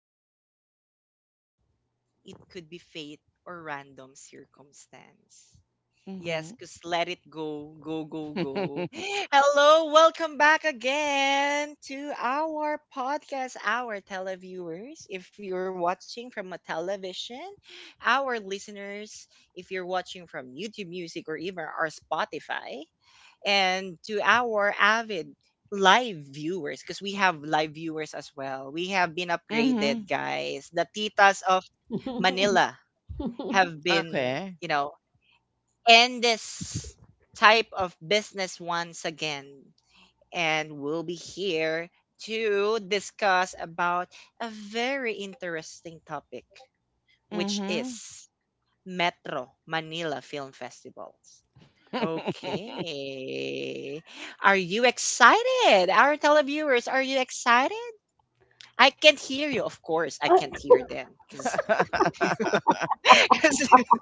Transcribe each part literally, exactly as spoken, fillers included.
just why we're here. It could be fate or random circumstance. Yes, Mhm. because let it go, go, go, go. Hello, welcome back again to our podcast, our televiewers. If you're watching from a television, our listeners, if you're watching from YouTube Music or even our Spotify, and to our avid live viewers because we have live viewers as well. We have been upgraded, Mhm. guys. The titas of Manila have been, Okay. you know, end this type of business once again and we'll be here to discuss about a very interesting topic which Mhm. is Metro Manila Film Festivals. Okay. Are you excited? Our televiewers, are you excited? I can't hear you, of course. I Uh, can't hear them because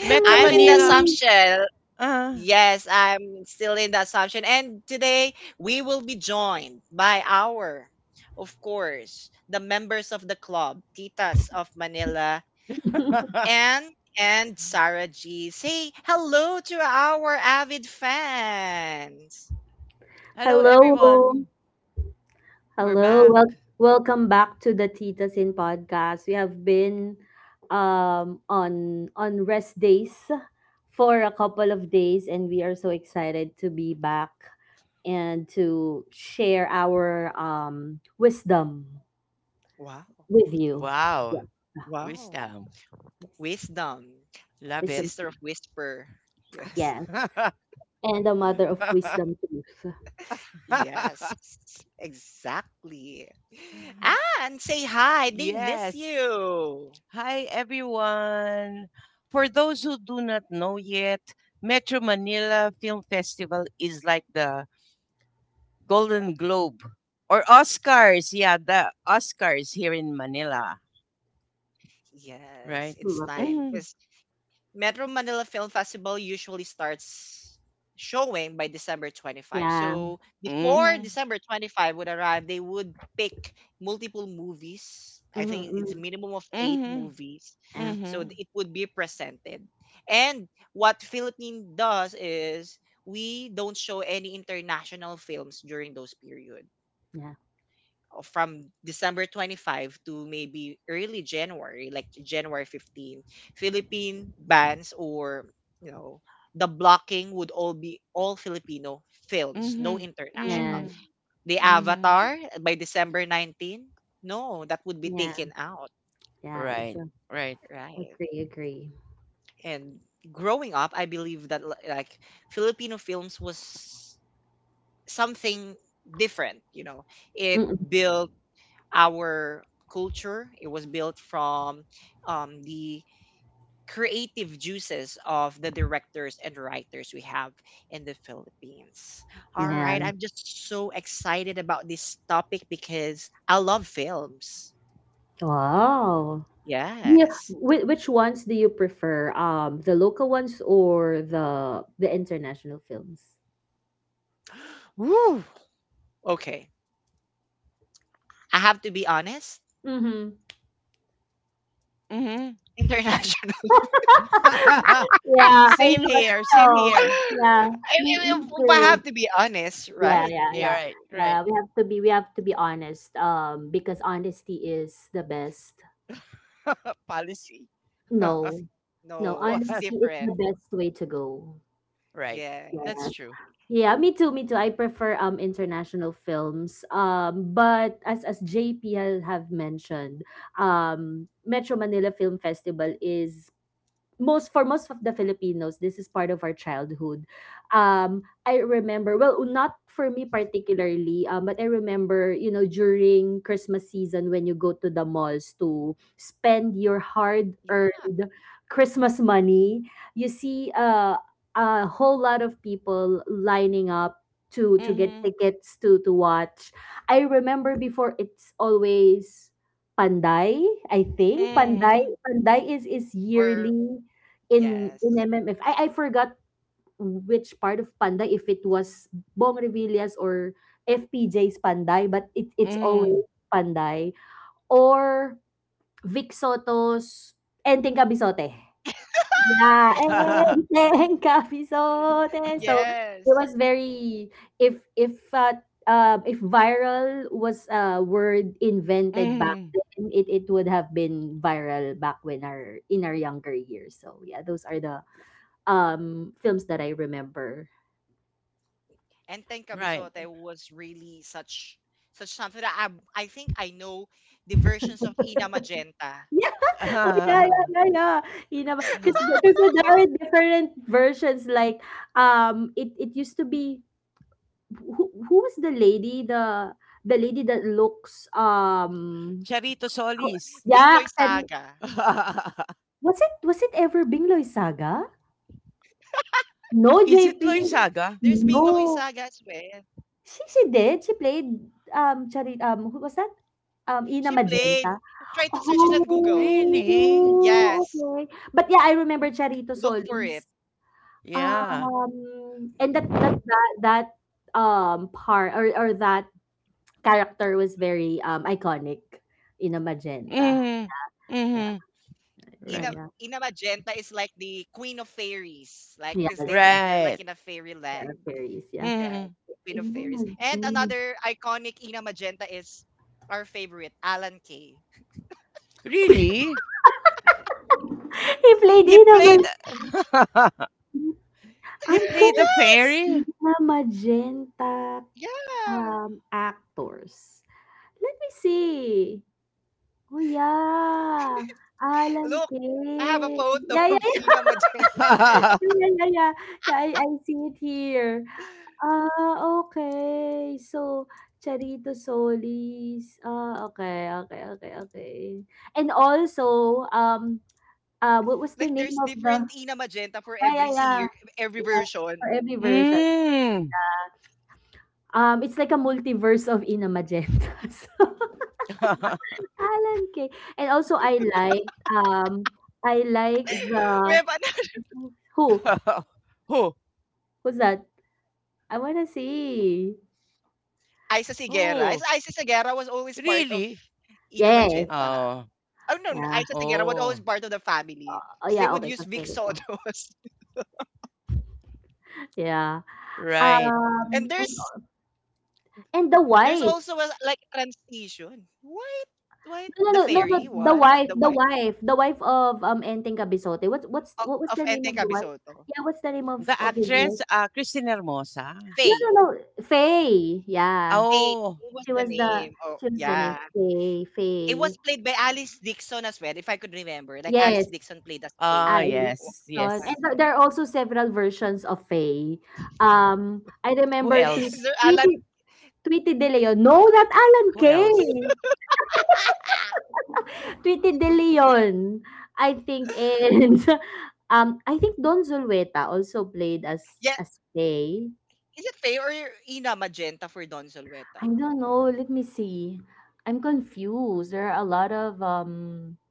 Metro I'm in the Manila. hello. assumption. Uh, Yes, I'm still in the assumption. And today we will be joined by our, of course, the members of the club, Titas of Manila, and and Sarah G. Say hello to our avid fans. hello, Hello. everyone. We're Hello. back. Wel- welcome back to the Titas in podcast. We have been um on on rest days for a couple of days, and we are so excited to be back and to share our um wisdom Wow. with you. Wow. Yeah. Wow. Wisdom. Yes. Wisdom. Love The it. Wisdom sister of tooth. Whisper. Yes. Yeah. And the mother of wisdom tooth. Yes. Exactly. Ah, and say hi. They miss yes. you. Hi, everyone. For those who do not know yet, Metro Manila Film Festival is like the Golden Globe or Oscars. Yeah, the Oscars here in Manila, Yes, right? it's Love it. time. Mhm. 'Cause Metro Manila Film Festival usually starts showing by December twenty-fifth. Yeah. So before Mhm. December twenty-fifth would arrive, they would pick multiple movies. I Mm-hmm, think mm-hmm. it's minimum of eight Mhm. movies. Yeah. So th- Mhm. it would be presented. And what Philippine does is we don't show any international films during those period Yeah. from December twenty-fifth to maybe early January, like January fifteenth. Philippine bands or you know the blocking would all be all Filipino films, no Mhm. international. Yeah. Mhm. The Mhm. Avatar by December nineteenth, no, that would be Yeah, taken out, yes. Right. Right. right? Agree, agree. And growing up, I believe that li- like Filipino films was something different, you know. It Mm-mm, built our culture. It was built from um, the creative juices of the directors and writers we have in the Philippines. All right, yeah. I'm just so excited about this topic because I love films. Wow. Yeah. Yes. Whi which ones do you prefer? Um, the local ones or the the international films? Woo. Okay. I have to be honest. Mm-hmm. Mhm. International. Yeah, I same thought here. so. Same here. Yeah, I, me, me I I have too. to be honest, Yeah, right? yeah, You're yeah. right. Right. Yeah, we have to be we have to be honest. Um, because honesty is the best. Policy. Policy. No, no, No, it's What? honesty is the different. best way to go. Right. That's Yeah. Yes. true. Yeah, me too, me too. I prefer um international films. Um, but as as J P ha- have mentioned, um Metro Manila Film Festival is most for most of the Filipinos, this is part of our childhood. Um, I remember well, not for me particularly, um, but I remember you know during Christmas season, when you go to the malls to spend your Yeah. hard-earned Christmas money, you see, uh, a whole lot of people lining up. To, to get Mhm. tickets to to watch. I remember before, it's always Panday, I think. Panday Mhm. Panday is is Or yearly in in yes. M M F. I I forgot which part of Panday, if it was Bong Revillas or F P J's Panday, but it it's Mhm. always Panday or Vic Soto's Enteng Kabisote. Yeah, Enteng Kabisote. So it Yes. was very, if if uh, um, if viral was a word invented back mhm. then, it, it would have been viral back when our in our younger years. So yeah, those are the um films that I remember. And Tenka Right. Bisote was really such such something that I, I think I know the versions of Ina Magenta. Yeah. Oh yeah, yeah, yeah, yeah. You know, because there are different versions. Like, um, it it used to be, who who was the lady the the lady that looks, Bingloy um Charito Saga. co- Solis. yeah, and was it was it ever Bingloy Saga? No, Is it J P. There's Bingloy Loisa?ga Saga as No, well. she she did. She played um charit um who was that, She um played. Ina Try to search Magenta. it on Google. Yes. Really? Oh, okay. But yeah, I remember Look for Charito it. Solis. Yeah. Um, and that that that that um part or or that character was very um iconic in a magenta. Mm. Ina Yeah, Mhm. Ina Magenta is yeah, Right. like yeah. the queen of fairies. Like, cause they're they're like in a Yes, fairy yeah, Right. land. Yeah, Sarah Aries, Queen yeah. of Fairies. Mm. And Ina another Magenta. iconic Ina Magenta is our favorite, Alan Kay. Really? He played He Ina played Magenta. He I'm played the gonna Yes! fairy? Ina Magenta Yeah! um actors. Let me see. Oh, yeah. Look, I Alan have a photo of Kay. Ina Yeah, yeah, yeah. Magenta. Yeah, yeah, yeah. Yeah, I, I see it here. Ah, okay. So, Charito Solis. Ah, okay, okay, okay, okay. Like, And there's different also, Ina um, Magenta for every uh, what was year, the name of every the— version. Yeah, yeah, yeah. Yeah, for every version. Mm. Um, it's like a multiverse of Ina Magentas. Alan Kay. And also, I like, um, I We have like another- the— Who? Who? Who's that? I wanna see. Isa Sigera. Is- Isa Who? Sigera was always part of Really? Ina Yes, Magenta. Oh. Oh, no, no, Isa yeah. Sigera was always Oh. part of the family. Oh, They yeah, would okay, use Vic ka-favorite ko. Sotos. Yeah. Right. And Um, and there's and the there's wife. also a like transition. White, white, No, the no, no, no, no, fairy the one, wife, the the white wife, the wife of, um, Enteng Cabezonte. What's what's of, what was of the name Enteng of the wife? Cabisoto. Yeah, what's the name of The of his wife? actress uh Christina Hermosa. No, Faye, no, no, Faye. Yeah, Faye, Oh. Faye was she the was the name. Oh she was the name yeah, Faye. it Faye. was played by Alice Dixon as well, if I could remember. Like Alice Yes, Dixon played as Ah, I Faye o- yes. saw it. one And Yes. th- time. there are also several versions of Faye. Um, I Who remember tweet Is else? there tweet. Alan? Tweety De Leon. No, not Alan Who else? Kay. Tweety De Leon. Oh, I think and really? um I think Don Zulueta also played as yeah, as Faye. Uh-huh. is it Faye or Ina Magenta for Don Solweta I don't know. Let me see. I'm confused. There are a Mm-hmm. lot of, um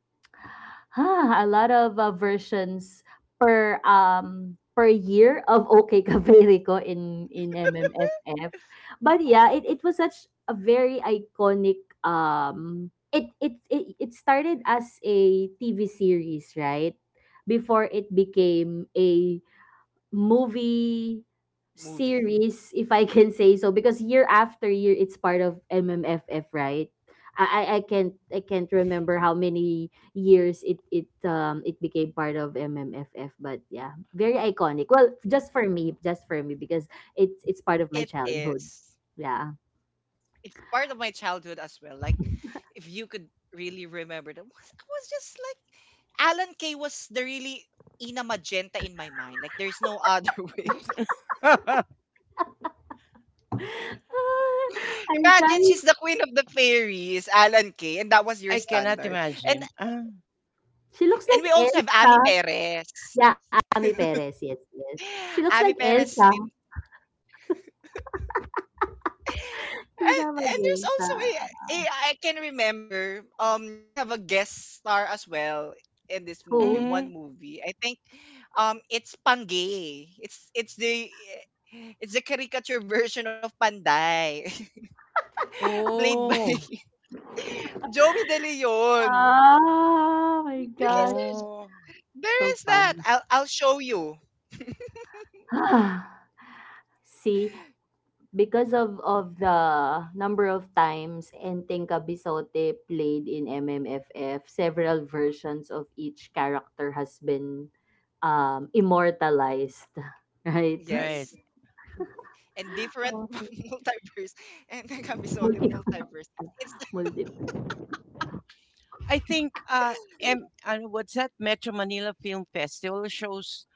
Ah, a lot of, uh, versions per um per year of OK Mm-hmm. Caverico in in M M F F. But yeah, it, it was such a very iconic, Right. um it, it it it started as a T V series, Mm-hmm. right? Before it became a movie movie? series, if I can say so, because year after year it's part of M M F F, right? I I I can't, I can't remember how many years it it um it became part of M M F F, but yeah, very iconic. Well, Yeah, just for me, just for me, because it's it's part of my it childhood. is. Yeah. It's part of my childhood as well. Like, if you could really remember that, I was just like Alan Kay was the really Ina Magenta in my mind. Like there's no other way. Ah, I'm Imagine she's trying. the queen of the fairies, Alan Kay, and that was your I cannot standard. And imagine. Uh, She looks and we like also have Elsa. Ami Perez. Yeah, Ami Perez. Yes, yes. She looks like Ami Elsa. Perez did She's and, a and there's magenta. also a, a I can remember um they have a guest star as well in this movie, Who? mm-hmm. one movie. I think um it's Pangay. It's it's the eh, it's the caricature version of Panday played by Oh. Joey De Leon. Oh my Because gosh, there's Oh. it's there so is that. fun. I'll I'll show you. Ah, See, because of of the number of times Enteng Kabisote played in M M F F, several versions of each character has been, um, immortalized, right? Right. Yes. And So, different multiverse. And then Kamisote multiple, multiverse. It's, it's multiple. I think uh M uh, What's that? Metro Manila Film Festival shows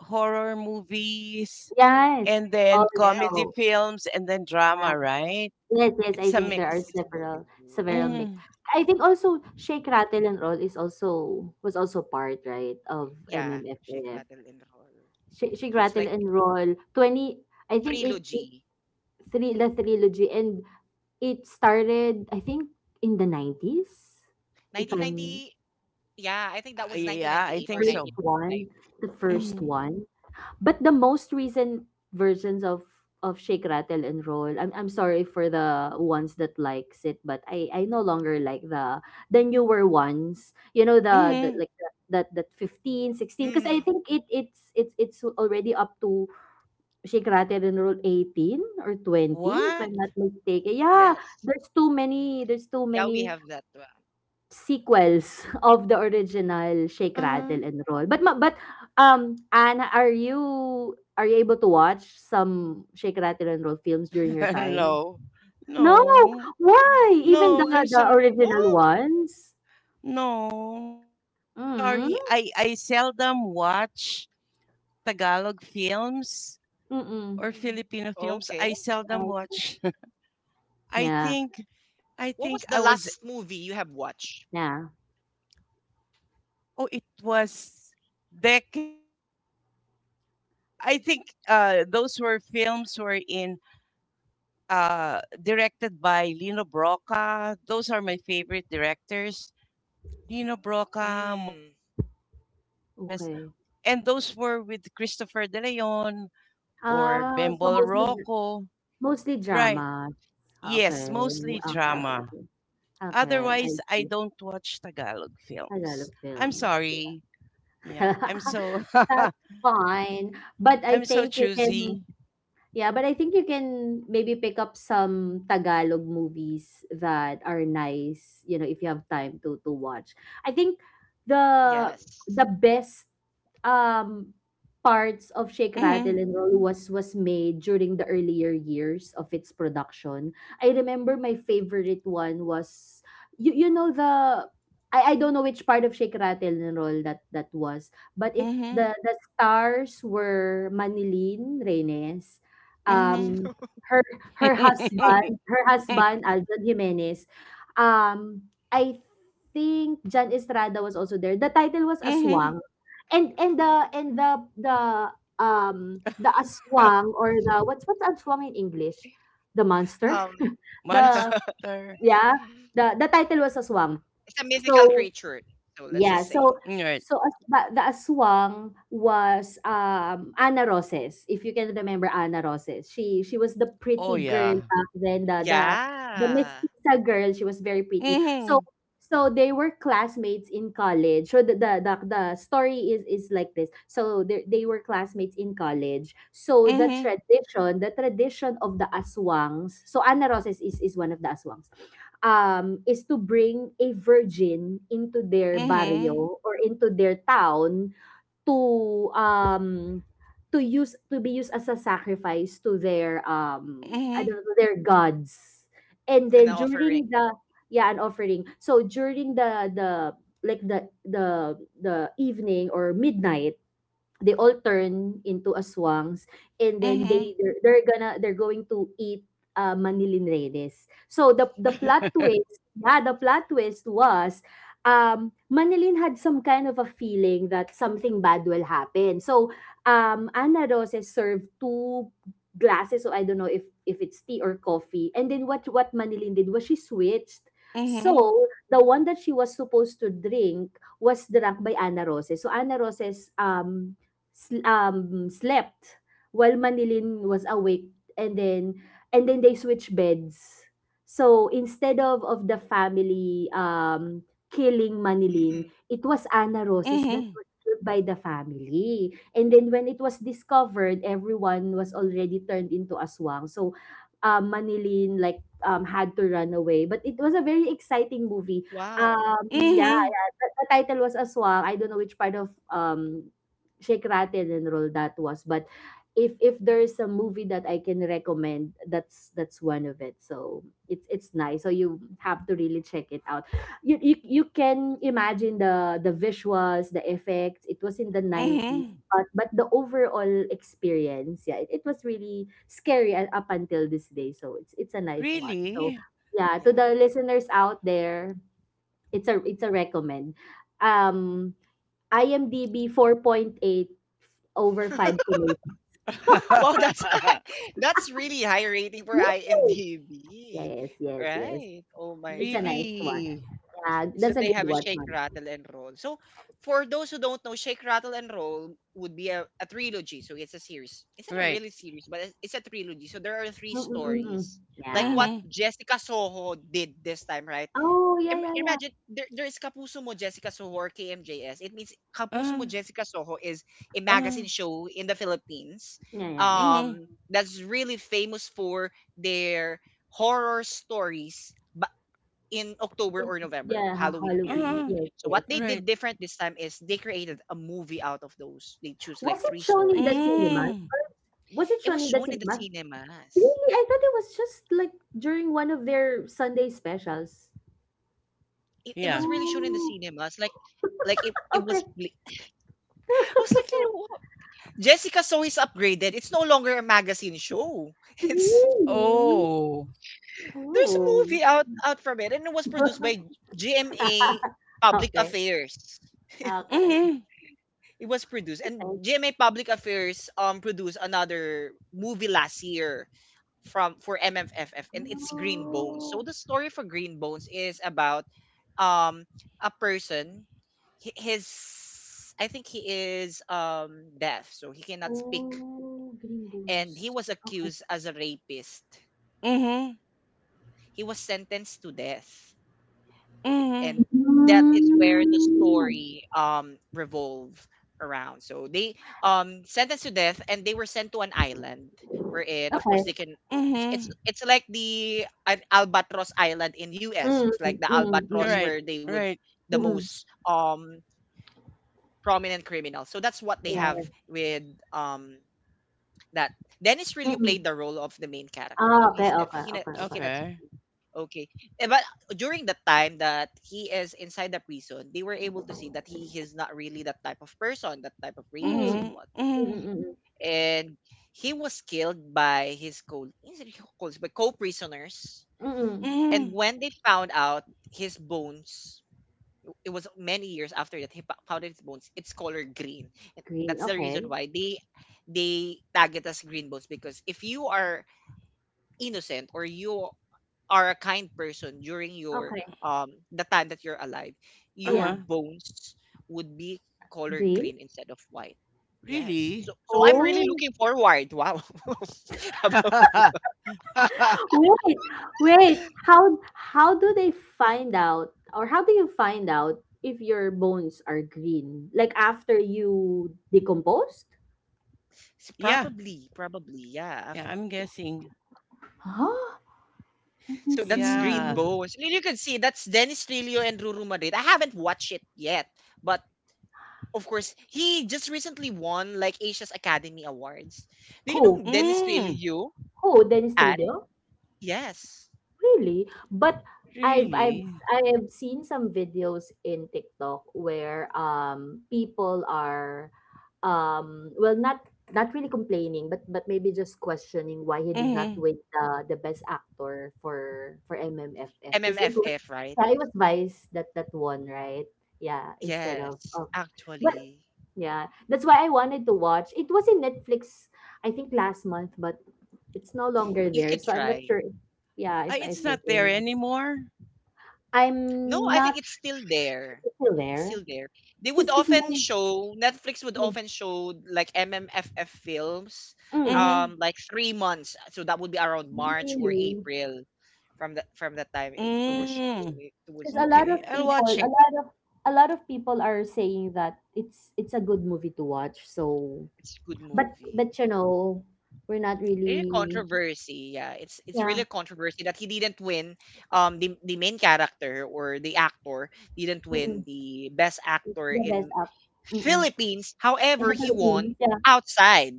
horror movies Yes, and then comedy also. yes. films and then Yeah. drama, right? Yes, yes, I It's a think there are mix. It's it's several several multitude. mix. Mm. I think also Shake Rattle and Roll is also was also part, right, of Yeah. M M F F. Shake Rattle and Roll. Shake, Shake So Rattle it's and like Roll twenty, I think it, it trilogy. three the trilogy, and it started I think in the nineties, if Nineteen I'm ninety yeah, I Uh, think that was yeah, nineteen I ninety think eight or so. first one, nineteen ninety-five. the Mm first Mm-hmm. one. But the most recent versions of of Shake Rattle and Roll, I'm I'm sorry for the ones that likes it, but I I no longer like the the newer ones. You know the, the Mm-hmm. like the, that that fifteen sixteen, because I think Mm-hmm. it it's it's it's already up to Shake Rattle and Roll eighteen or twenty, if What? I'm not mistaken. Yeah, Yes. there's too many there's too Yeah, we many have that one. sequels of the original Shake, Uh, Rattle, and Roll. But ma but, um, Anna, are you are you able to watch some Shake, Rattle, and Roll films during your time? no, No! no, Why? Even no. the I'm the sorry. original Whoa. ones? No, I'm Mm. sorry. I I seldom watch Tagalog films or Mm. Mm. Filipino films. I Okay. seldom Ah, watch. I yeah, think I What was think the I was. last movie you have watched? yeah, Oh, it was decades ago. I think uh, those were films were in uh, directed by Lino Broca. Those are my favorite directors Dino Broca, Mario Mm, J. De Los Reyes, okay. and those were with Christopher De Leon or Ah, so Bembol mostly Rocco. mostly Right. dramas. Okay, Yes, mostly okay, mostly okay, drama. okay. drama. Okay, I Otherwise, I see. don't watch Tagalog Tagalog films. I'm films. sorry. Yeah, I'm so That's fine. But I'm I so think you choosy. can Yeah, but I think you can maybe pick up some Tagalog movies that are nice, you know, if you have time to to watch. I think Yes. the the best um parts of Shake Rattle Mhm. and Roll was was made during the earlier years of its production. I remember my favorite one was, you you know the I, I don't know which part of Shake Rattle and Roll that that was, but it Mhm. the the stars were Manilin Reynes, Mhm. um, her her husband her husband, Aljan Jimenez, um, I think Jan Estrada was also there. The title was mhm. Aswang. And and the and the the um the aswang, or the what's what's aswang in English? The monster? Um, The Monster. Yeah, the the title was Aswang. it's a mythical So creature. So Yeah, let's so just say, Right. so as, the, the aswang was, um Ana Roses. If you can remember Ana Roses, she she was the Oh pretty yeah. girl back then. The the the yeah, mestiza girl. She was very pretty. So Mhm. so they were classmates in college. So the the the, the story is is like this. So they they were classmates in college. So the Mhm. tradition, the tradition of the aswangs. So Ana Roses is is one of the aswangs, um, is to bring a virgin into their Mhm. barrio or into their town to, um, to use to be used as a sacrifice to their, um, I don't Mhm. know, to their gods. And then an during offering. the yeah, an offering. So during the the like the the the evening or midnight, they all turn into aswangs, and then Mhm. they they're, they're gonna they're going to eat, uh, Manilin Reyes. So the the plot twist, yeah, the plot twist was, um Manilin had some kind of a feeling that something bad will happen. So, um Ana Rose served two glasses, so I don't know if if it's tea or coffee. And then what what Manilin did was she switched. So Mhm. the one that she was supposed to drink was drunk by Ana Roses. So Ana Roses, um sl- um, slept while Manilin was awake, and then and then they switch beds. So instead of of the family, um killing Manilin, Mm, it was Ana Roses that Mhm. was killed by the family. And then when it was discovered, everyone was already turned into aswang. So, um, Manilin, like, um, had to run away. But it was a very exciting movie. wow. Um, yeah, Mhm. yeah. The, the title was Aswang. I don't know which part of um Sheikh Raten and Roldat was. But if if there's a movie that I can recommend, that's that's one of it. So it's it's nice. So you have to really check it out. You you, you can imagine the the visuals, the effects. It was in the nineties. Mhm. But, but the overall experience, yeah, it, it was really scary, a- up until this day. So it's it's a nice watch. So Really? yeah, to Yeah. the listeners out there, it's a it's a recommend. Um I M D B four point eight over five to eight. Wow, that's that's really high rating for Yes! IMDb. Yes, yes, yes. Right. Oh my It's a God. nice really? one. Yeah, So that's a they good have a one, shake, ma'am. rattle, and roll. So for those who don't know, shake, rattle, and roll would be a, a trilogy. So it's a series. It's not a Right. really series, but it's, it's a trilogy. So there are three Mm-mm-mm. stories. Like Yeah. what Mhm. Jessica Soho did this time, right? Oh, yeah, Im- yeah, yeah. Imagine there, there is Kapuso Mo Jessica Soho or K M J S. It means Kapuso Uh, Mo Jessica Soho is a uh, magazine show in the Philippines Yeah, yeah. Mhm. um, that's really famous for their horror stories in October It, or November, yeah, Ha- Halloween Halloween. uh, period. Yes, So yes. what they right. did different this time is they created a movie out of those. They choose like Was it three shown in the stories. cinemas? Mm. Was it It shown was in the shown in the cinemas? cinemas. Really? I thought it was just like during one of their Sunday specials. It, it was Yeah. really shown in the Oh, cinemas. Like like it, it was okay. pl- I was like, Oh, "Wha- Jessica So is upgraded. It's no longer a magazine show." It's really? Oh, There's a Oh. movie out out from it and it was produced by G M A Public Okay. Affairs. Okay. Mhm. It was produced. Thank- And G M A Public Affairs um produced another movie last year from for M M F F, and it's Green Bones. So Oh. the story for Green Bones is about um a person hi- his I think he is um deaf, so he cannot speak Oh, Green and Bones. he was Okay. accused as a rapist. Mhm. He was sentenced to death, Mhm. and that is where the Hmm, story um revolve around. So they um sentenced to death and they were sent to an island wherein of course okay. they can— it's it's Mhm. it's like the an albatross island in U S, Mm, like the mm, albatross mm, where right, they would right. the most mm, um prominent criminal. So that's what they yeah, have yeah. with um that. Dennis really Mm. played the Mm. role of the main character. So Ah, he's okay, deaf, he, okay, na- okay, he okay. cannot. Okay. Okay. Eh, But during the time that he is inside the prison, they were able to see that he is not really that type of person, that type of Mm, rapist and mm, Mhm. whatnot. mm, Mhm. mm, mm. And he was killed by his co colleagues, by co-prisoners. Mm, mm. And Mhm. when they found out his bones, it was many years after that he fo- found his bones. It's color green. And Green, that's the okay, reason why they they tag it as green bones, because if you are innocent or you are a kind person during your okay, um the time that you're alive, Uh your yeah, huh. bones would be color green. green instead of white. Yes. Really? So so I'm really Oh, looking forward. Wow. About- wait, wait. How how do they find out, or how do you find out if your bones are green? Like after you decomposed? S- yeah, yeah, probably, probably, yeah. After I'm guessing. Huh? Let me so that's Green see. Yeah. Bones. And you can see that's Dennis Trillo and Ruru Madrid. I haven't watched it yet, but of course he just recently won like Asia's Academy Awards. Do you know Who? Dennis Mm, Trillo? Oh, Dennis And Trillo? yes, Really? But I've I've really? I have seen some videos in TikTok where um people are um well not not really complaining but but maybe just questioning why he did not Mm-hmm. win the the best actor for for M M F F because it was, M M F F, right? yeah, it was Vice that that won, right, yeah, instead of, Yes, of but actually, yeah, that's why I wanted to watch It was in Netflix, I think last month, but it's no longer you there. could So I'm not try. sure if, yeah, Ah, if I it's take not or there not. anymore? No, I'm I think not it's sure still there. if it's It's there. still there. They would Cause, cause often mine- show— Netflix would mm, often show like M M F F films, mm, Mm-hmm. um, like three months. So that would be around March or really. April, from that from that time it, it was shown. So Mm, it, it was Cause no a lot okay, longer. of I'll people, watch a it. lot of a lot of people are saying that it's it's a good movie to watch. So, It's a good but movie. but you know, we're not Really really, controversy. Yeah, it's it's really yeah. a controversy that he didn't win. Um, the the main character or the actor didn't win Mm-mm, the best it's actor the best in app. Mm-mm. Philippines. In However, the he won Philippines, yeah, outside.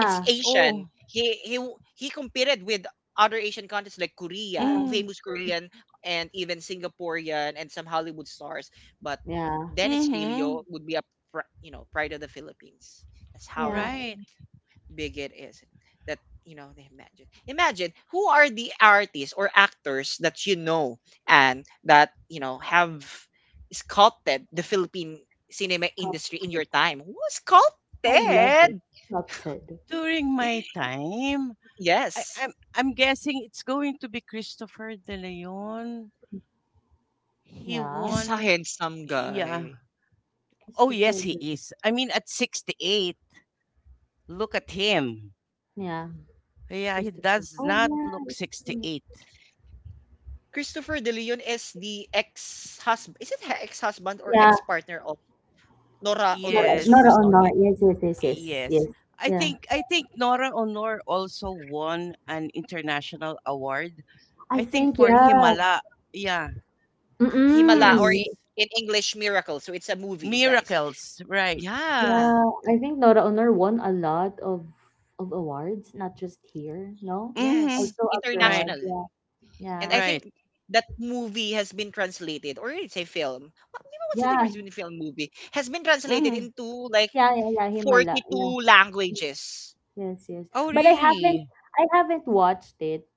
It's Asian. Oh, He he w- he competed with other Asian countries like Korea, yeah, mm, famous Korean, and even Singaporean and some Hollywood stars. But yeah, Dennis mm-hmm. Filio would be a pr- you know pride of the Philippines. That's yeah. how Right. big it is that you know imagine imagine who are the artists or actors that you know and that you know have sculpted the philippine cinema industry in your Sculpted. time who I love it. sculpted. Sculpted. During my time, I, Yes, I'm, I'm guessing it's going to be Christopher De Leon. He Yeah. he's a won. handsome Yeah. guy. Oh, Christopher yes, he Lee. is. I mean, at sixty-eight, look at him. Yeah, Yeah, he Christopher. does Oh not look yeah, yeah. sixty-eight. Christopher de Leon is the ex-husband, is it ex-husband or Yeah, ex-partner of Nora Not Honor the not Yes. superstar. on art. Yes, yes, yes, yes, yes. Yes. I Yeah. think I think Nora Honor also won an international award. I I think think, for yeah. Himala. Yeah. Himala or Mm-mm. Yes. i- in English miracle, so it's a movie guys. Miracles. Right. Yeah. Yeah, I think Nora Honor won a lot of of awards, not just here, no? Mhm. Yes, Also Right. abroad. international. Yeah. And I Yeah. Right. think that movie has been translated, or it's a film. Well, di ba what's the Yeah. difference between film and movie? Has been translated Mhm. into like Yeah, yeah, yeah, Himala. Yeah. forty-two languages. Yes, yes. Oh But I haven't really? I haven't watched it.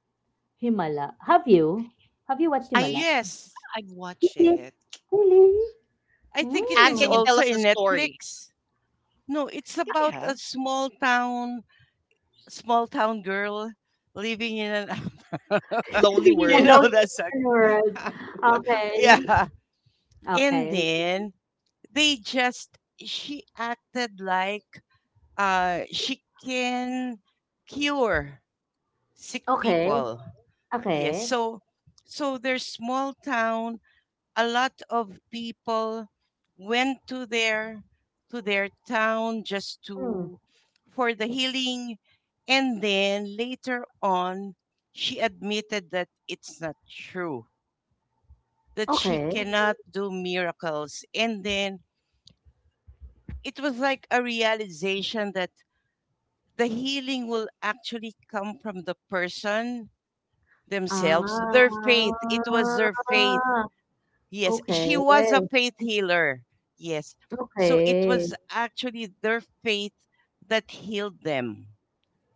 Himala. Have you? Have you watched I Himala? Yes. I You watch did? it. Really? I think it And is can you Oh. tell also us the in story? Netflix. No, it's about Yeah. a small town small town girl living in an Lonely Living in you a know World. low that saga. world. Okay. yeah. And Okay. then they just she acted like uh she can cure sick Okay. people, yes, Okay. so so their small town a lot of people went to their to their town just Mm. to for the healing. And then later on she admitted that it's not true, that she Okay. cannot do miracles. And then it was like a realization that the healing will actually come from the person themselves, their faith, Ah. it was their faith. Yes, she Okay. was a Okay. faith healer. Yes, so it was actually their faith that healed them.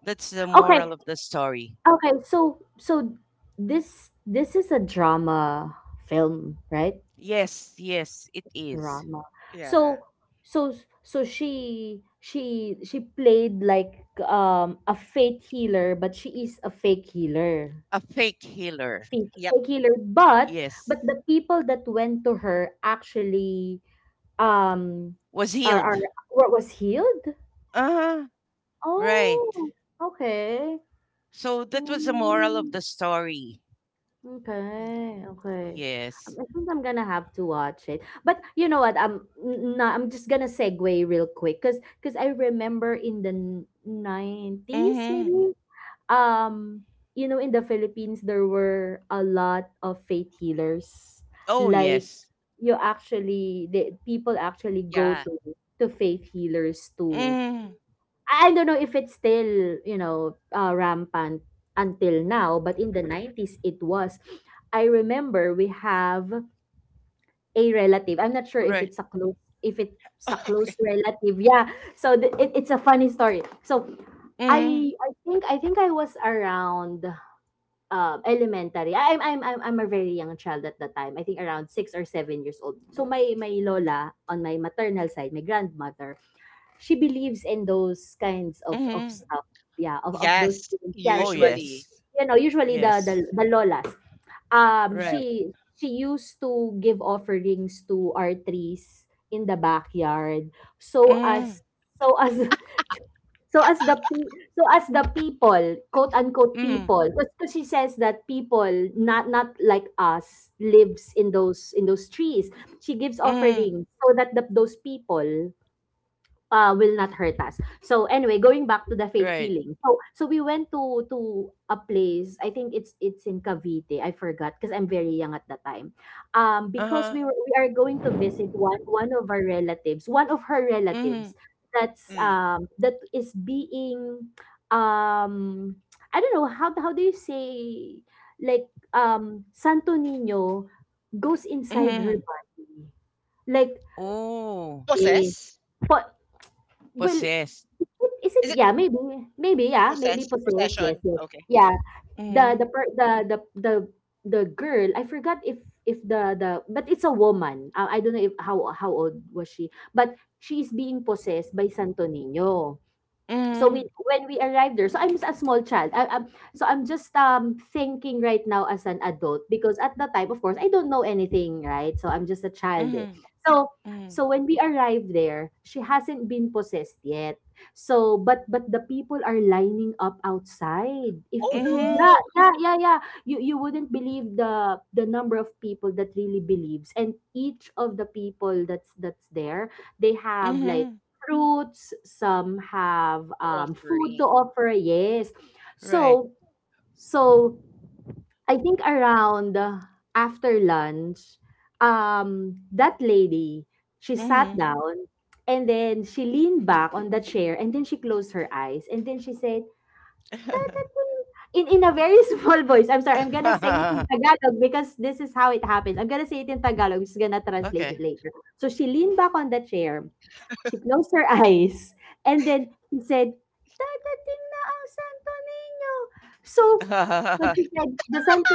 That's the Okay. moral of the story. Okay. So so this this is a drama film, right? Yes, yes, it is. Drama. Yeah. So so so she she she played like um a fate healer, but she is a fake healer, A fake healer. fake Yep. fake healer, but Yes, but the people that went to her actually, um was are are healed. what was healed. Uh-huh, right. Oh, okay. So that was the moral of the Mm, story. Mm. okay, okay. Yes. Um, I think I'm gonna have to watch it, but you know what, I'm n- not, I'm just gonna segue real quick, because because I remember in the nineties, Mm-hmm. maybe, um you know in the Philippines there were a lot of faith healers. Oh Like, yes. you actually, the people actually go Yeah. to to faith healers to, Mm. I don't know if it's still, you know uh, rampant until now, but in the nineties it was, I remember we have a relative, I'm not sure if Right. it's a close if it's a close Okay. relative. Yeah, so th- it, it's a funny story. So Mm. I I think I think I was around, um, elementary. I'm I'm I'm I'm a very young child at the time. I think around six or seven years old. So my my lola on my maternal side, my grandmother, she believes in those kinds of of Mm-hmm. stuff. Yeah, of of those Yes, things. Oh Yeah, they, yes. usually. you know, usually the the Yes. the lolas. Um Right. she she used to give offerings to our trees in the backyard, so Mm. as so as So as the pe- so as the people, quote unquote Mm. people, because she says that people not not like us lives in those in those trees. She gives Mm. offerings so that the, those people uh, will not hurt us. So anyway, going back to the faith Right. healing. So so we went to to a place. I think it's it's in Cavite. I forgot because I'm very young at the time. Um, because Uh-huh. we were we are going to visit one one of our relatives, one of her relatives. Mm. That's Mm. Um that is being, um I don't know how how do you say, like, um Santo Nino goes inside her Mm. body, like, Oh. eh, Possess? po- well, Possessed. is it, Is it yeah, maybe, maybe, yeah, maybe possess? possessed, yes, Possession? yes. Okay. Yeah, the the Mm. per, the the the the girl, I forgot if if the the but it's a woman. Uh, I don't know if, how how old was she, but she's being possessed by Santo Niño. So we Mm. when we arrived there, so I'm a small child. I, am So I'm just um thinking right now as an adult, because at the time, of course, I don't know anything, right? So I'm just a child, eh. Mm. So Mm. so when we arrived there, she hasn't been possessed yet. So but but the people are lining up outside. If Oh if you, Mm. yeah, no! yeah, yeah, yeah, you you wouldn't believe the the number of people that really believes. And each of the people that's that's there, they have like Mm. fruits, some have, um, food to Offering. offer. Yes. Right. So, so I think around, uh, after lunch, um, that lady, she sat Mm. down and then she leaned back on the chair, and then she closed her eyes, and then she said, in in a very small voice. I'm sorry, I'm gonna say it in Tagalog because this is how it happened. I'm gonna say it in Tagalog. I'm just gonna translate it okay. later. So she leaned back on the chair. She closed her eyes. And then she said, Dadating na ang Santo Niño. So, so she said, the Santo,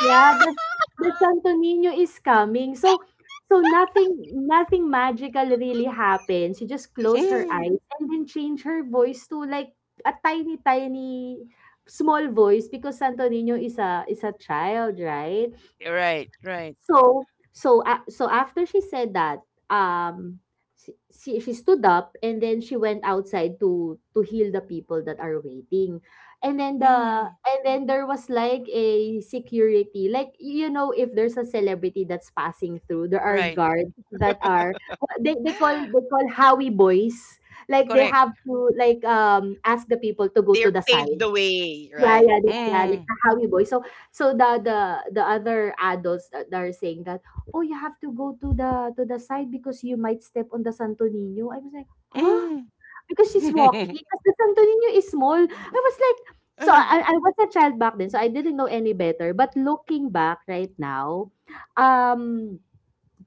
yeah, the, the Santo Niño is coming. So, so nothing, nothing magical really happened. She just closed her mm. eyes and then changed her voice to like a tiny, tiny small voice, because Santo Niño is a is a child, right? Right. Right. So so uh, so after she said that, um, she, she she stood up, and then she went outside to to heal the people that are waiting. And then the Mm. and then there was like a security. Like, you know, if there's a celebrity that's passing through, there are Right. guards that are, they they call they call Howie boys. Like, they Correct. have to, like, um ask the people to go to They're the paved side. the way, Yeah, right? yeah, the, yeah, like Mm. the Howie Boy. So, so the the the other adults that that are saying that, oh, you have to go to the to the side, because you might step on the Santo Niño. I was like, huh? Mm. Because she's walking, because the Santo Niño is small. I was like, so Uh-huh. I I was a child back then, so I didn't know any better. But looking back right now, um,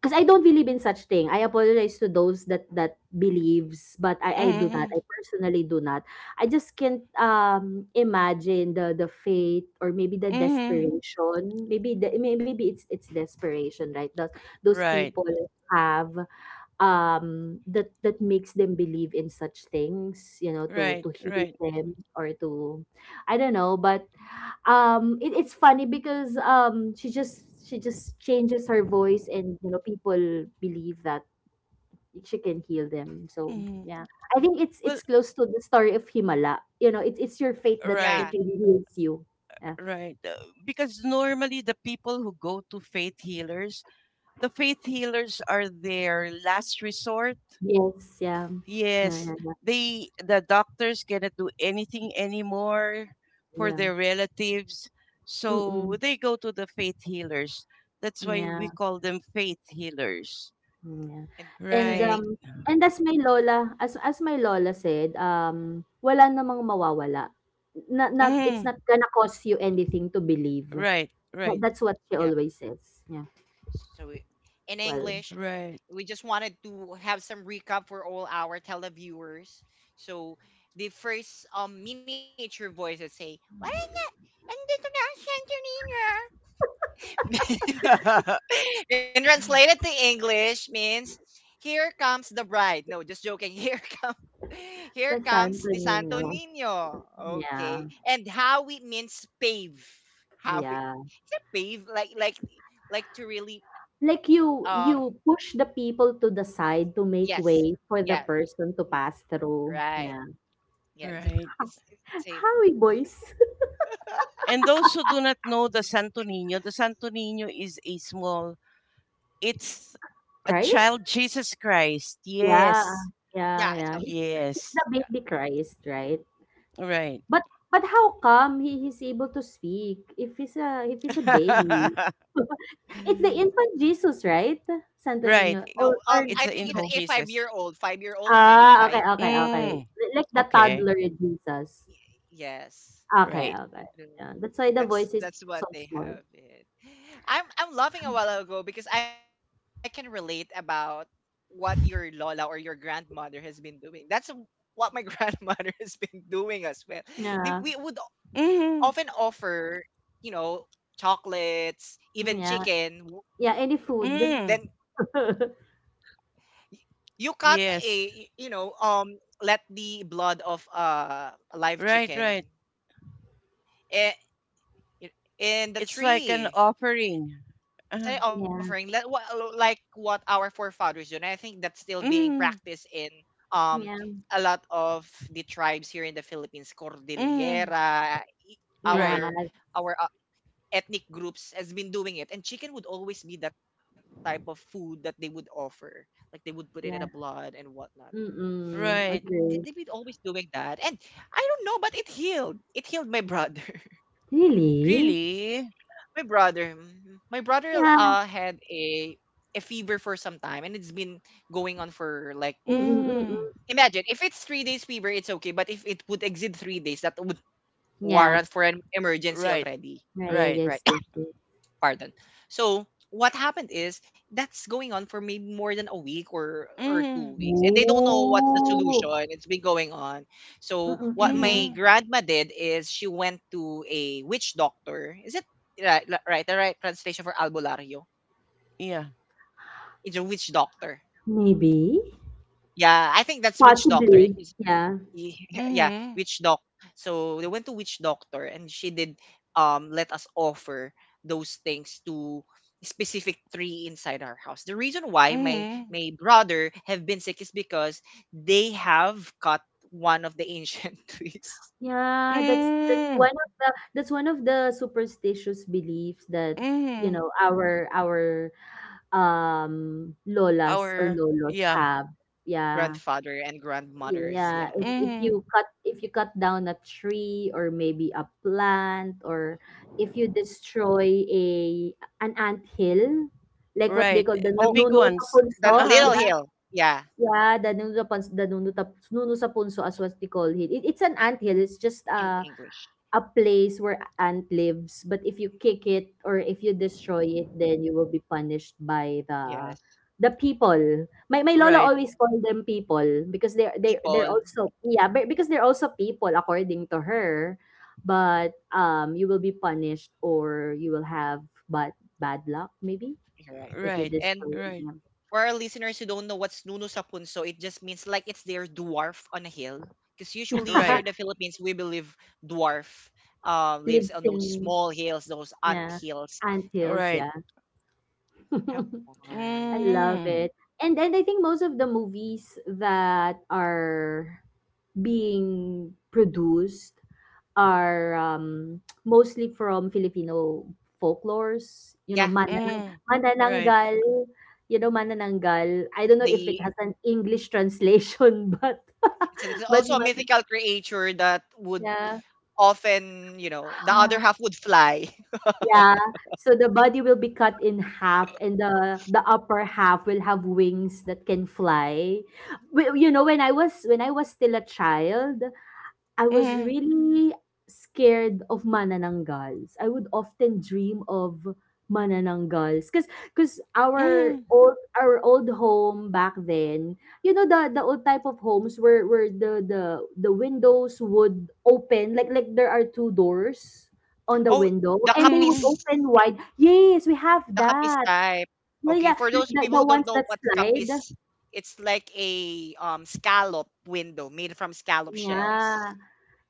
'cause I don't believe in such thing. I apologize to those that that believes, but I I do not. Mm-hmm. I personally do not. I just can't, um imagine the the faith or maybe the Mm-hmm. desperation. Maybe the may- maybe it's it's desperation, right? Those those Right, people have, um that that makes them believe in such things, you know, to right, to heal right. them, or to, I don't know. But um it, it's funny, because um she just she just changes her voice and, you know people believe that she can heal them. So, Mm-hmm. yeah. I think it's Well, it's close to the story of Himala. You know, it's it's your faith that right, Yeah. that really heals you. Yeah. right. Uh, because normally the people who go to faith healers, the faith healers are their last resort. Yes. Yeah, yeah, Yes, yeah, yeah, they the doctors cannot do anything anymore for yeah. their relatives, so Mm-mm. they go to the faith healers. That's why Yeah, we call them faith healers. yeah. And and and I Right. think um and as my lola as as my lola said, um wala namang mawawala. Not, not It's Mm. not gonna cost you anything to believe. Right. Well, Right. that's what she yeah. always says. Yeah. So i- in Well, English, Right. we just wanted to have some recap for all our televiewers. So the first um miniature voice that say, "Wala na, andito na ang Santorina." In translated to English means here comes the bride. No, just joking. Here comes sa here Santo comes the Niño. Santo Nino. Yeah. Okay. And Howie means pave. Howie. Yeah. Is it pave? Like like like to really, Like, you um you push the people to the side to make yes. way Yeah. for the person y- to pass through. Right. Yeah. Yeah. It's, right. it's, it's same. Howie boys. And those who do not know the Santo Niño, the Santo Niño is a small, it's a Christ? child Jesus Christ. Yeah. Yes. Yeah, I tell Yeah, Jesus yeah. He's, Christ. Yeah. Yes. the baby Christ, right? Right. But but how come he, he's able to speak if he's a if he's a baby? It's the infant Jesus, right? Santo right. Niño No, or um or I It's think an it's a infant no. five year Jesus. old. Five year old, maybe Ah, okay, five. okay, okay. Mm. Li like the Okay. toddler Jesus. Y- Yes. Okay, Right. okay. Yeah. Yeah, that's why the That's voice is that's so what they small. have it. I'm I'm laughing a while ago because I can relate about what your lola or your grandmother has been doing. That's what my grandmother has been doing as well. They- We Yeah. would often Mm. offer, you know, chocolates, Mm, even yeah. chicken. w- Yeah, any Then food. Mm. y- you cut a, y- Yes. you know, um, let the blood of uh, a live Right, chicken, right. eh, in It's the like an tree. offering. Uh, Instead of Yeah, offering like what like what our forefathers do, and I think that's still being mm. practiced in um yeah, a lot of the tribes here in the Philippines, Mm. Cordillera. i- yeah, Right. Our our uh, ethnic groups has been doing it, and chicken would always be that type of food that they would offer, like they would put it in the yeah. blood and whatnot. They- Mm-mm. Right. They've Agree. been always doing that, and I don't know, but it healed. It healed my brother. Really? Really? My brother, mhm. my brother Yeah. uh had a a fever for some time, and it's been going on for like, Mm-mm, mm-mm. Mm. imagine if it's three days fever, it's okay, but if it would exceed three days, that would Yeah. warrant for an emergency Right, already. Yeah, yeah, right. yes, Right. yes, yes. Pardon. So what happened is that's going on for maybe more than a week or or two Mm. weeks and they don't know what's the Ooh. solution. It's been going on. So Mm-mm, what mm-mm. my Mm-hmm. grandma did is she went to a witch doctor. Is it right? Right The right translation for albulario. Yeah. It's a witch doctor. Maybe. Yeah, I think that's witch doctor. Possibly. He's- Yeah. He- yeah, Mm-hmm. witch doc. So they went to witch doctor, and she did, um let us offer those things to specific tree inside our house. The reason why my Mm-hmm. my brother have been sick is because they have cut one of the ancient trees. Yeah, that's that's Mm. one of the that's one of the superstitious beliefs that you Mm-hmm. know our our um lolas or Our lolos yeah. have. Yeah. Grandfather and grandmothers. Yeah, Yeah. if if Mm-hmm. you cut if you cut down a tree, or maybe a plant, or if you destroy a an ant hill, like what they Right. call the The nu- Oh, big nunu sa ones. the punso. Uh-huh. Little Yeah, Hill. Yeah, yeah, the nunu sa punso, the nunu tap- nunu sa punso, as what they call it. It. It's an ant hill. It's just in a English. a place where ant lives. But if you kick it, or if you destroy it, then you will be punished by the Yes. the people, my my lola Right. always call them people, because they're they're they're People. also, yeah, but because they're also people, according to her. But um you will be punished, or you will have bad bad luck, maybe, You're right. if you Right. And destroy Right. them. for our listeners who don't know what's Nuno sa punso, it just means like it's their dwarf on a hill. Because usually here Right. in the Philippines, we believe dwarf, uh, lives Lives on those in, small hills, those ant yeah, hills. ant We hills, Right. yeah. have I one. love Mm-hmm. it. And and I think most of the movies that are being produced are, um, mostly from Filipino folklores, you know, Yeah, mananang, Mm-hmm. Right. manananggal, you know, manananggal. I don't know if it the has an English translation, but it's, it's but also a man- mythical creature that would yeah. often, you know, the other half would fly. Yeah, so the body will be cut in half, and the the upper half will have wings that can fly. Wi- You know, when I was when I was still a child, I was Mm-hmm. really scared of manananggals. I would often dream of manananggals because because our Mm-hmm. old our old home back then. You know, the the old type of homes where where the the the windows would open, like like there are two doors on the Oh, window the and they would Mm-hmm. kapis. open wide. Yes, we have The kapis that. type. Yeah, Okay, yeah, for like those the, people the who ones don't know that what slide. kapis, it's like a um scallop window made from scallop shells. Yeah.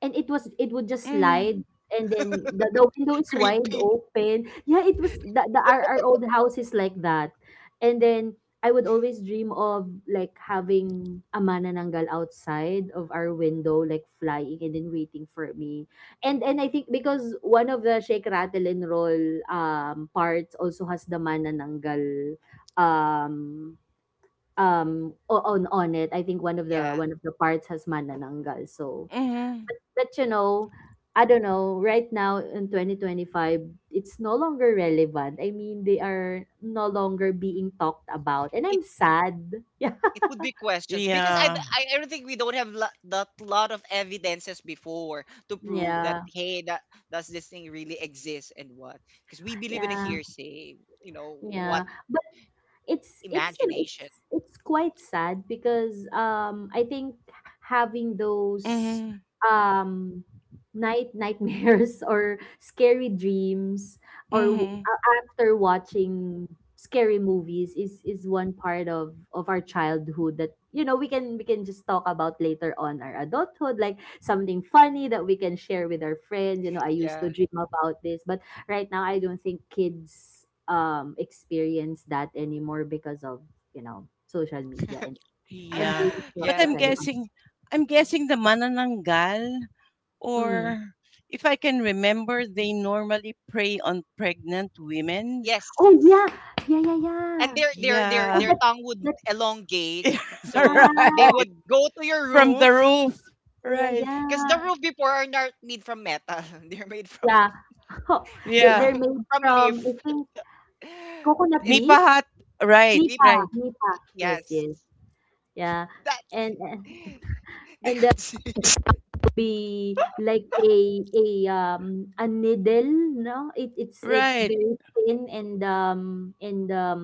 And it was it would just slide, and then the, the window is wide Creepy. open. Yeah, it was the, the our, our old house is like that. And then I would always dream of like having a manananggal outside of our window, like flying and then waiting for me. And and I think because one of the Shake Rattle and Roll um parts also has the manananggal. um um o- on on it, I think one of the Yeah. one of the parts has manananggal. So, Mm-hmm. but you know, I don't know, right now in twenty twenty-five, it's no longer relevant. I mean, they are no longer being talked about. And It I'm sad. Yeah. it would be questions because I Yeah. I I don't think we don't have lo- that lot of evidences before to prove that, Yeah. hey, that does this thing really exist? And what, because we believe in a Yeah. hearsay, you know what, Yeah. it's it's you know it's imagination. it's quite sad because um I think having those Mm-hmm. um night nightmares or scary dreams or w- Mm-hmm. a- after watching scary movies is is one part of of our childhood that you know we can we can just talk about later on our adulthood, like something funny that we can share with our friends. you know I used to Yeah. dream about this, but right now I don't think kids um, experience that anymore because of, you know, social media and and Yeah, being but Yeah. I'm practically on. guessing I'm guessing the manananggal, Mm. or if I can remember, they normally prey on pregnant women. Yes, Oh, yeah. Yeah, yeah, and yeah. their their their Oh, Yeah. their that, tongue would that, elongate, so they yeah. right. would go to your From the roof roof. Yeah, yeah, Right. because the yeah. roof before are not made from metal. They're made from, Yeah. Oh, they, Yeah. they're from made from from, I leaf. think, coconut It's leaves. Nipahat. Right, nip. Nipa, right. nipa. Yes, Yes. yes. Yeah. That and they and there could see. will be like a a um a needle, no? It it's it's Right. very thin and um and um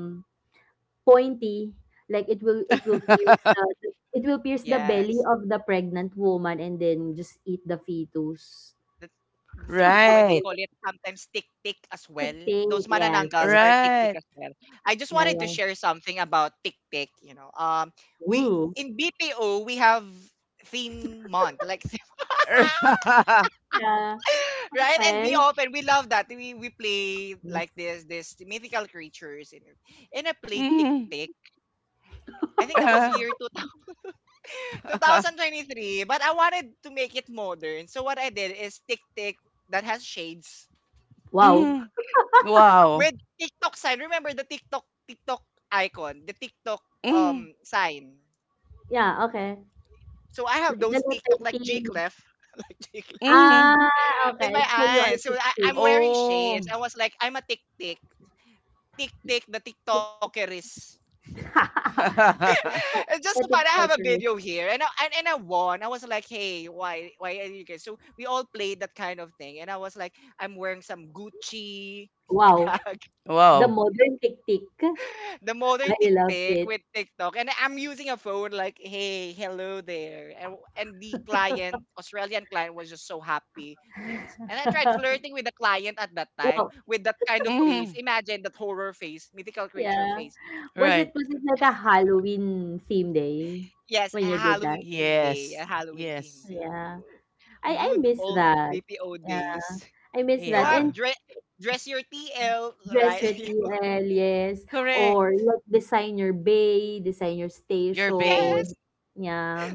pointy. Like it will it will pierce the it will pierce the belly Yes, of the pregnant woman and then just eat the fetus. that's, that's the reason why they right. call it sometimes tick tick as well. Tick Those tick, yes, mananangals yes. are tick tick Right. as well. I just Yeah, wanted to yeah. share something about tick tick, you know um we Ooh. in BPO we have theme month like, Yeah. right? And we Okay. open, we love that. We we play like this, this mythical creatures, and, and I played Tick Mhm. Tick. I think that was Ah. year two thousand twenty three, but I wanted to make it modern. So what I did is Tick Tick that has shades Wow. Mhm. Wow. with TikTok sign. Remember the TikTok TikTok icon, the TikTok Mhm. um sign. Yeah. Okay. So I have Like the those TikTok letter like G T. Clef, like G Clef Mhm. Ah, in okay, my so you are eyes. So tick I, tick. I'm wearing shades. Oh. I was like, I'm a Tick Tick. Tick Tick, the Tick. TikToker is. The tick It's tock. just so fun. The I tick have a video taker. here, and I, and, and I won. I was like, "Hey, why why are you guys?" So we all played that kind of thing, and I was like, "I'm wearing some Gucci Wow. bag, The wow. modern tick tick. the I modern love TikTok it. with TikTok, and I'm using a phone like, hey, hello there." And, and the client, Australian client, was just so happy. Him and I tried flirting with the client at that time Wow. with that kind of hmm face. Imagine that horror face, mythical creature Yeah. face. Was Right. it was it like a Halloween theme day Yes, a when you did that? Halloween theme day, a Yes. Halloween theme Yes. day. Yeah. I I Good miss old that. B P O Yeah. days. I miss You that. Yeah. have And dre- dress your T L, dress right? retiel, yes. Or Correct. like designer bay, designer Your bay. Yes. station. Yeah.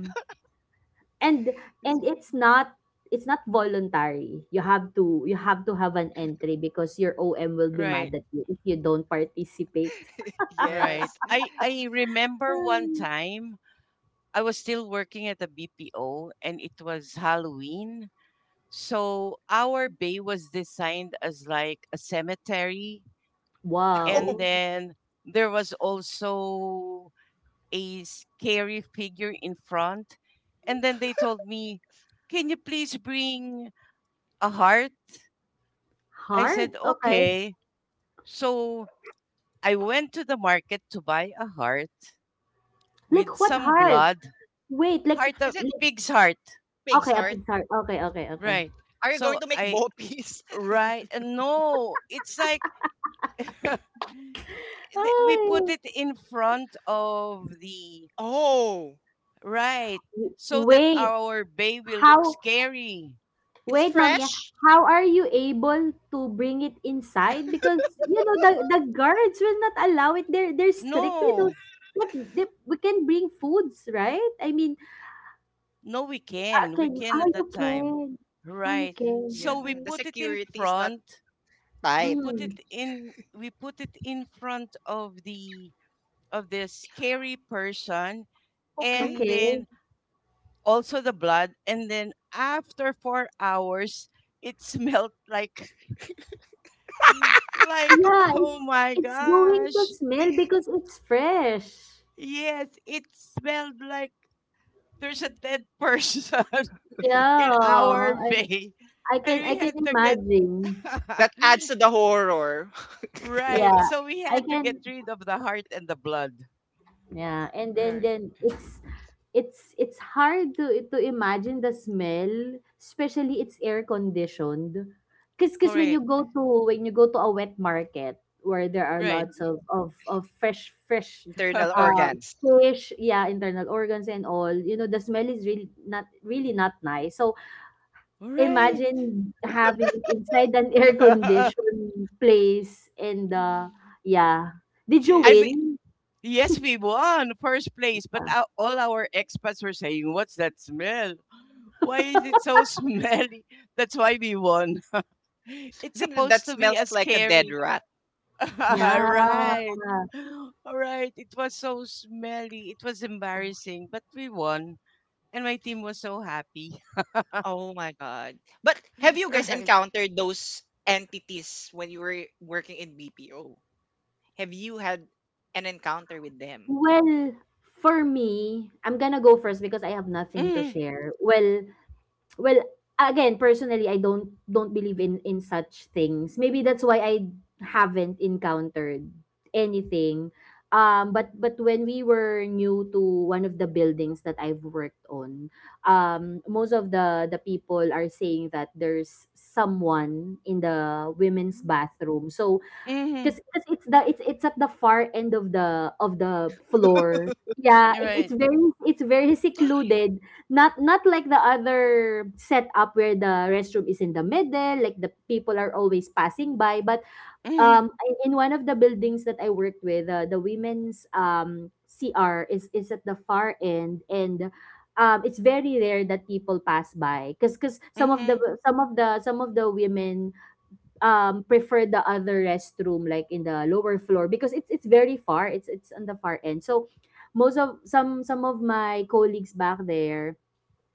And and it's not it's not voluntary. You have to you have to have an entry because your O M will be Right. mad at you if you don't participate. Right. Yes. I I remember one Um, time I was still working at the B P O and it was Halloween. So our bay was designed as like a cemetery Oh, and Wow. then there was also a scary figure in front. And then they told me, can you please bring a heart? I Heart. said, Okay. okay. So I went to the market to buy a heart with Like what some heart? blood, Wait, like heart is of it like pig's heart. pig's okay, a heart? Pixar. Okay, okay, okay. Right. Are you So going to make I, boppies? right. and no, it's like th- we put Ay. it in front of the Oh, right, so W that wait, our bay will look how scary. it's wait, Mommy, fresh. how are you able to bring it inside? Because, you know, the the guards will not allow it. They're they're strict with No, those. Like, they, we can bring foods, right? I mean, no, we uh, can. We can can oh, at you that time. can. Oh, you Right. can. So we Yeah, Okay. the put it in security is not front. We tight. put Mm, it in We put it in front of the of the scary person, Okay. and okay. then also the blood. And then after four hours it smelled like like Yeah, oh it's my it's going to gosh. smell because it's fresh. Yes, it smelled like there's a dead person Yeah, in our I bay, I and can we I can had to get imagine. That adds to the horror. right. Yeah. So we I had to get can. rid of the heart and the blood. Yeah, and then Right. then it's it's it's hard to to imagine the smell, especially it's air conditioned. Cause, 'cause when you go Correct. to when you go to a wet market where there are Right. lots of of, of fresh fresh Internal um, organs. fish, yeah, internal organs and all, you know, the smell is really not really not nice. So right. imagine having it inside an air-conditioned place and, uh, yeah. Did you I, be- yes. win? Yes, we won first place, but ou- all our expats were saying, what's that smell? Why is it so smelly? That's why we won. It's I think that, supposed that to be smells as like a dead scary. rat. Yeah. right. All right. It was so smelly. It was Oh. embarrassing, but we won. And my team was so happy. Oh my God. But have you guys Right. encountered those entities when you were working in B P O? Have you had an encounter with them? Well, for me, I'm gonna go first because I have nothing to Mhm. share. Well, Well, again, personally, I don't don't believe in in such things. Maybe that's why I haven't encountered anything. Um, but but when we were new to one of the buildings that I've worked on, um, most of the the people are saying that there's someone in the women's Mm. bathroom. So, Mhm. Cause, cause it's the it's it's at the far end of the of the floor. Yeah, You're it's it's right. very it's very secluded. Not not like the other setup where the restroom is in the middle, like the people are always passing by. But Mhm. um, in, in one of the buildings that I worked with, uh, the women's um C R is is at the far end, and um, it's very rare that people pass by. Cause cause some of the Mhm. some of the some of the women um prefer the other restroom, like in the lower floor, because it's it's very far, it's it's on the far end. So, most of some some of my colleagues back there,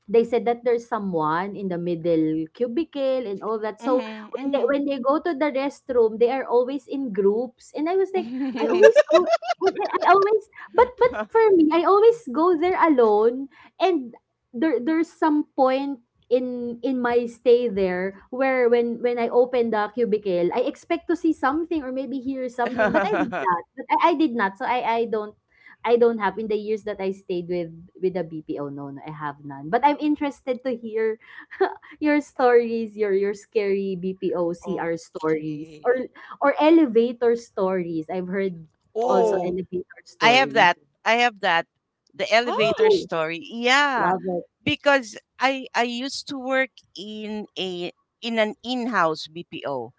they said that there's someone in the middle cubicle and all that. So when they Mhm. when they go to the restroom, they are always in groups. And I was like, I Mhm. always go I always but but for me, I always go there alone. And there there's some point in in my stay there, where when when I open the cubicle, I expect to see something or maybe hear something, but I did not. But I, I did not. So I I don't I don't have, in the years that I stayed with with the B P O. No, no, I have none. But I'm interested to hear your stories, your your scary B P O C R stories or Okay. or elevator stories. I've heard also oh, Oh. elevator I have stories. that. I have that. The elevator Go, story. Yeah, love it. because I I used to work in a in an in-house B P O.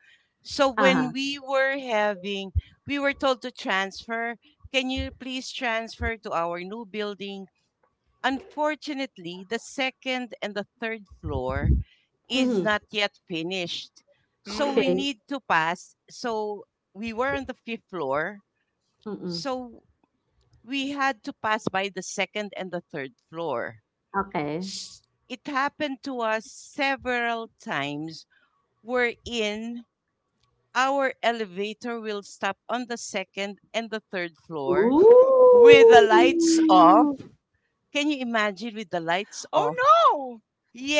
So when Uh-huh. we were having, we were told to transfer. Can you please transfer to our new building? Unfortunately, the second and the third floor is Mm-hmm. not yet finished. So we Mm. Okay. need to pass. So we were on the fifth floor. Mm-mm. So we had to pass by the second and the third floor. Okay. S- It happened to us several times wherein our elevator will stop on the second and the third floor with the lights off. Ooh. Can you imagine with the lights Oh off? no!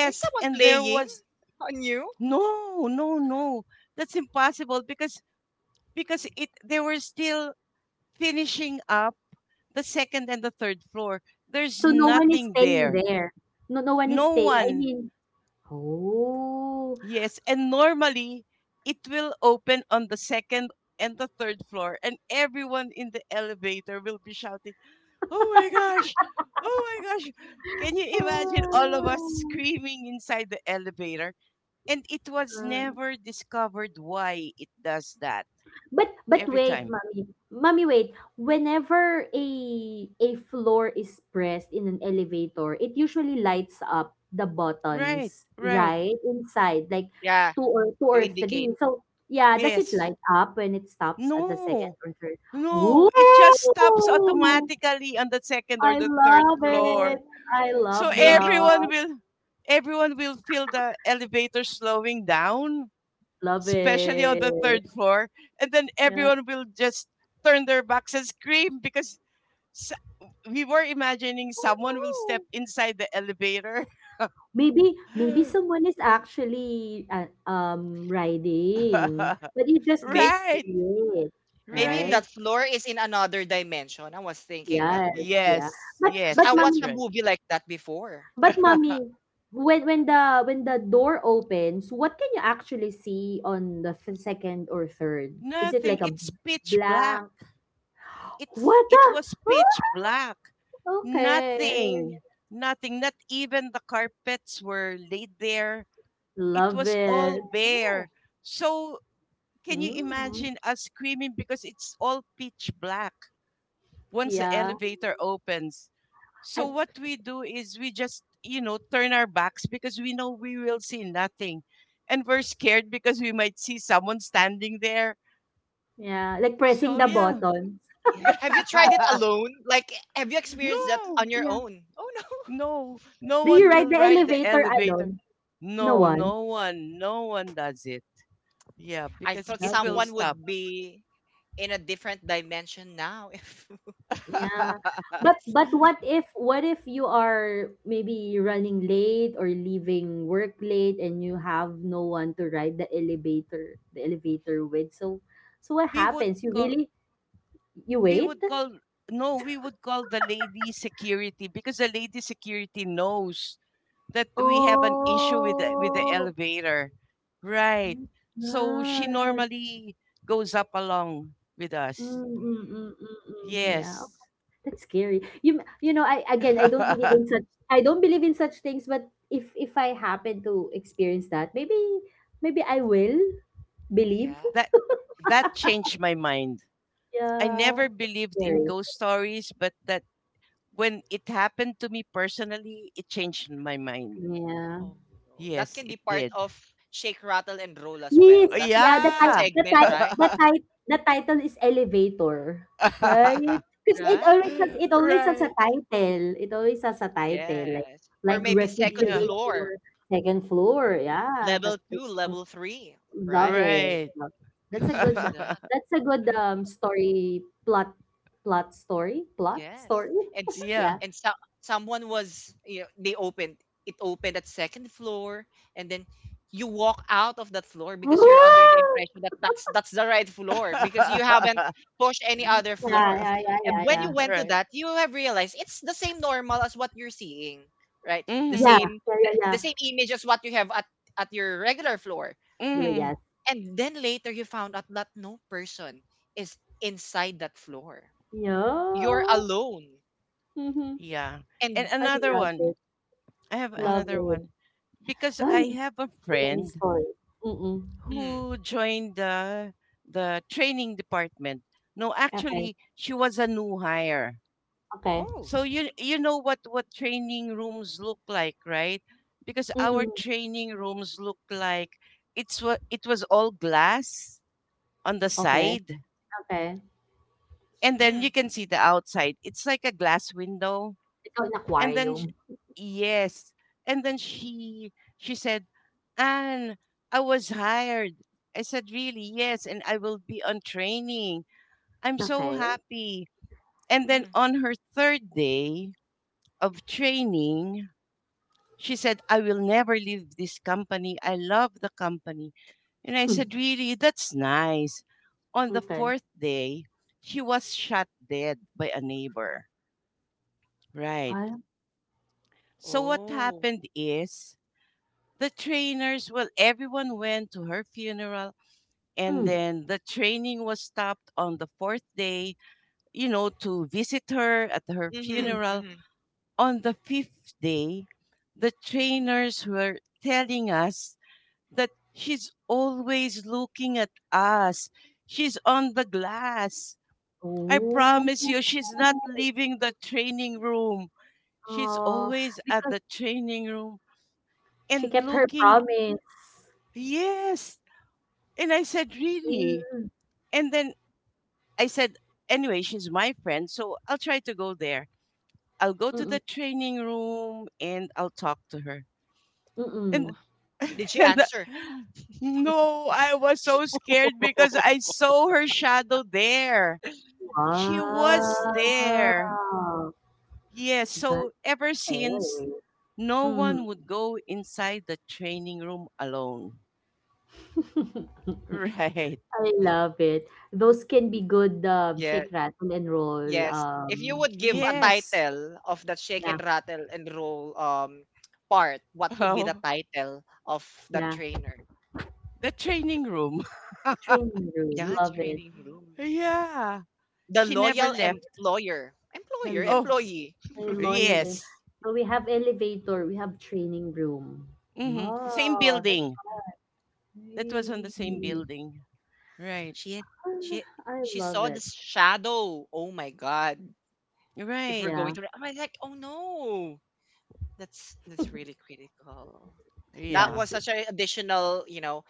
Is someone and there playing was on you? no, no, no. That's impossible because because it they were still finishing up the second and the third floor. There's So no one is nothing staying there. there. No, no one is No staying. I one. mean, oh. Yes, and normally it will open on the second and the third floor, and everyone in the elevator will be shouting, "Oh my gosh! Oh my gosh! Can you imagine all of us screaming inside the elevator?" And it was Ah. never discovered why it does that But but every wait, Oh, time. mommy. Mommy, wait. Whenever a a floor is pressed in an elevator, it usually lights up the Right, buttons, right. right? Inside, like yeah, two or two to or indicate. three. So yeah, does it Yes. light up when it stops at the second No, or third? no. It just stops Ooh, automatically on the second or I the Oh third love floor. it. I no. So love Maybe. everyone that. will everyone will feel the elevator slowing down, Love especially on it. the third floor, and then Yeah. everyone will just turn their backs and scream because s we were imagining Oh someone will step no. inside the elevator. Maybe maybe someone is actually uh, um riding, but you just May, can't see right, it, maybe right. right? that floor is in another dimension. I was thinking that Yes, way. yeah. Yes, But Because yes, but I watched that's a mommy, right. movie like that before. but mommy, when when the when the door opens, what can you actually see on the f- second or third? Is it Nothing. like a It's pitch black. blank? It's What it the? was pitch Oh, black. okay, Nothing, nothing, not even the carpets were laid there. It love was all it. Oh, bare. So can you Mm, imagine us screaming because it's all pitch black once the yeah, elevator opens? So I what we do is we just, you know, turn our backs because we know we will see nothing. And we're scared because we might see someone standing there. yeah, like pressing So the yeah. buttons. yeah. Have you tried it alone? Like, have you experienced that no. on your Yeah. own? Oh no. No, no Do you one ride will the ride the elevator elevator. alone? No No, one? no one, no one does it. Yeah, I because thought it Love will it. someone stop. would be in a different dimension now. If Yeah. But but what if what if you are maybe running late or leaving work late and you have no one to ride the elevator the elevator with? So so what we would happens? You call, really you we wait? would call, no, we would call the lady security because the lady security knows that we have an issue with the, with the Oh elevator. Right. So my she gosh. normally goes up along with us. Mm, mm, mm, mhm. mm, mm. Yeah, Yes. that's scary. You you know, I again I don't believe that in such, I don't believe in such things. But if if I happen to experience that, maybe maybe I will believe. Yeah. that changed my mind. I never Yeah. That's believed in scary. ghost stories, but that when it happened to me personally, it changed my mind. Yeah. Oh no. That Yes, can be it part did. of shake, rattle, and roll as Yes. well. Oh, That Yeah, the a ti- yeah. the segment, ti- right? the ti- the title is elevator, right? Because it always Right. has it always has a right. title. It always has a title, like Yes. Or like maybe second Yeah. refrigerator, floor, second floor. Yeah, that, level that's. two, level three, Love right? it. Right. Love it. That's a Could good use that. That's a good um story plot plot story, plot Yes. story. And s- yeah. Yeah. and so, someone was, you know, they opened, it opened at second floor, and then you walk out of that floor because you're under the Ooh! impression that that's that's the right floor because you haven't pushed any other Yeah, floors. yeah, And yeah, when you yeah, went to right. that, you have realized it's the same normal as what you're seeing, right? The Mhm. yeah, yeah, same yeah, the, yeah, the yeah. same image as what you have at at your regular floor. Well, Mhm. yes, And then later you found out that no person is inside that floor. You're yeah. alone, Mm-hmm. Yeah. And and I another love one. it, I have wow. love another it. one because Ay, I have a too many friend stories. Mm. Mm. who joined the the training department. No, Okay, actually, she was a new hire. okay. Oh. So you you know what what training rooms look like, right? Because our Mm. training rooms look like it's wa- it was all glass on the Okay, side, okay. and then you Mm. can see the outside. It's like a glass window Ikaw in And then aquarium. sh- yes. And then she she said, "Anne, I was hired." I said, "Really?" "Yes, and I will be on training." I'm so Okay. happy. And then Mm. on her third day of training, she said, "I will never leave this company. I love the company." And I said, Hmm. "Really? That's nice." On the Okay. fourth day, she was shot dead by a neighbor. Right. Ay. So what Oh. happened is the trainers well everyone went to her funeral, and Mm, then the training was stopped on the fourth day, you know, to visit her at her mm. Mhm. funeral. Mhm. On the fifth day the trainers were telling us that she's always looking at us, she's on the glass. I promise you she's not leaving the training room, she's Oh, always at the training room she and kept her looking. promise. Yes. And I said, really? Mm, And then I said, anyway, she's my friend, so I'll try to go there. I'll go to mm, the training room and I'll talk to her. And, Oh. mm. Did she and answer? no, I was so scared because I saw her shadow there. She was Ooh. there. Wow! Yes, That so ever since, caring. no one Mhm. would go inside the training room alone. Right. I love it. Those can be good, um, Yeah. shake, rattle, and roll, Yes. If you um, would give a movie. Yes. title of that shake Yeah, and rattle and roll um part, what would be the Oh, title of the yeah. trainer? the training room. Training room, Yeah, love it. training room. Yeah. The She never loyal left. employer. The Employer, lo Oh, employee. the loyal em yes. So we have elevator, we have training room. hmm Same Oh, Wow, that's building. That was on the same nice. building. Right. she Ah, she I she love saw the it. shadow. Oh my god. If we're Right. going Yeah. to, I'm like, oh no. That's that's really critical. That Yeah, Yeah. was such an additional, you know,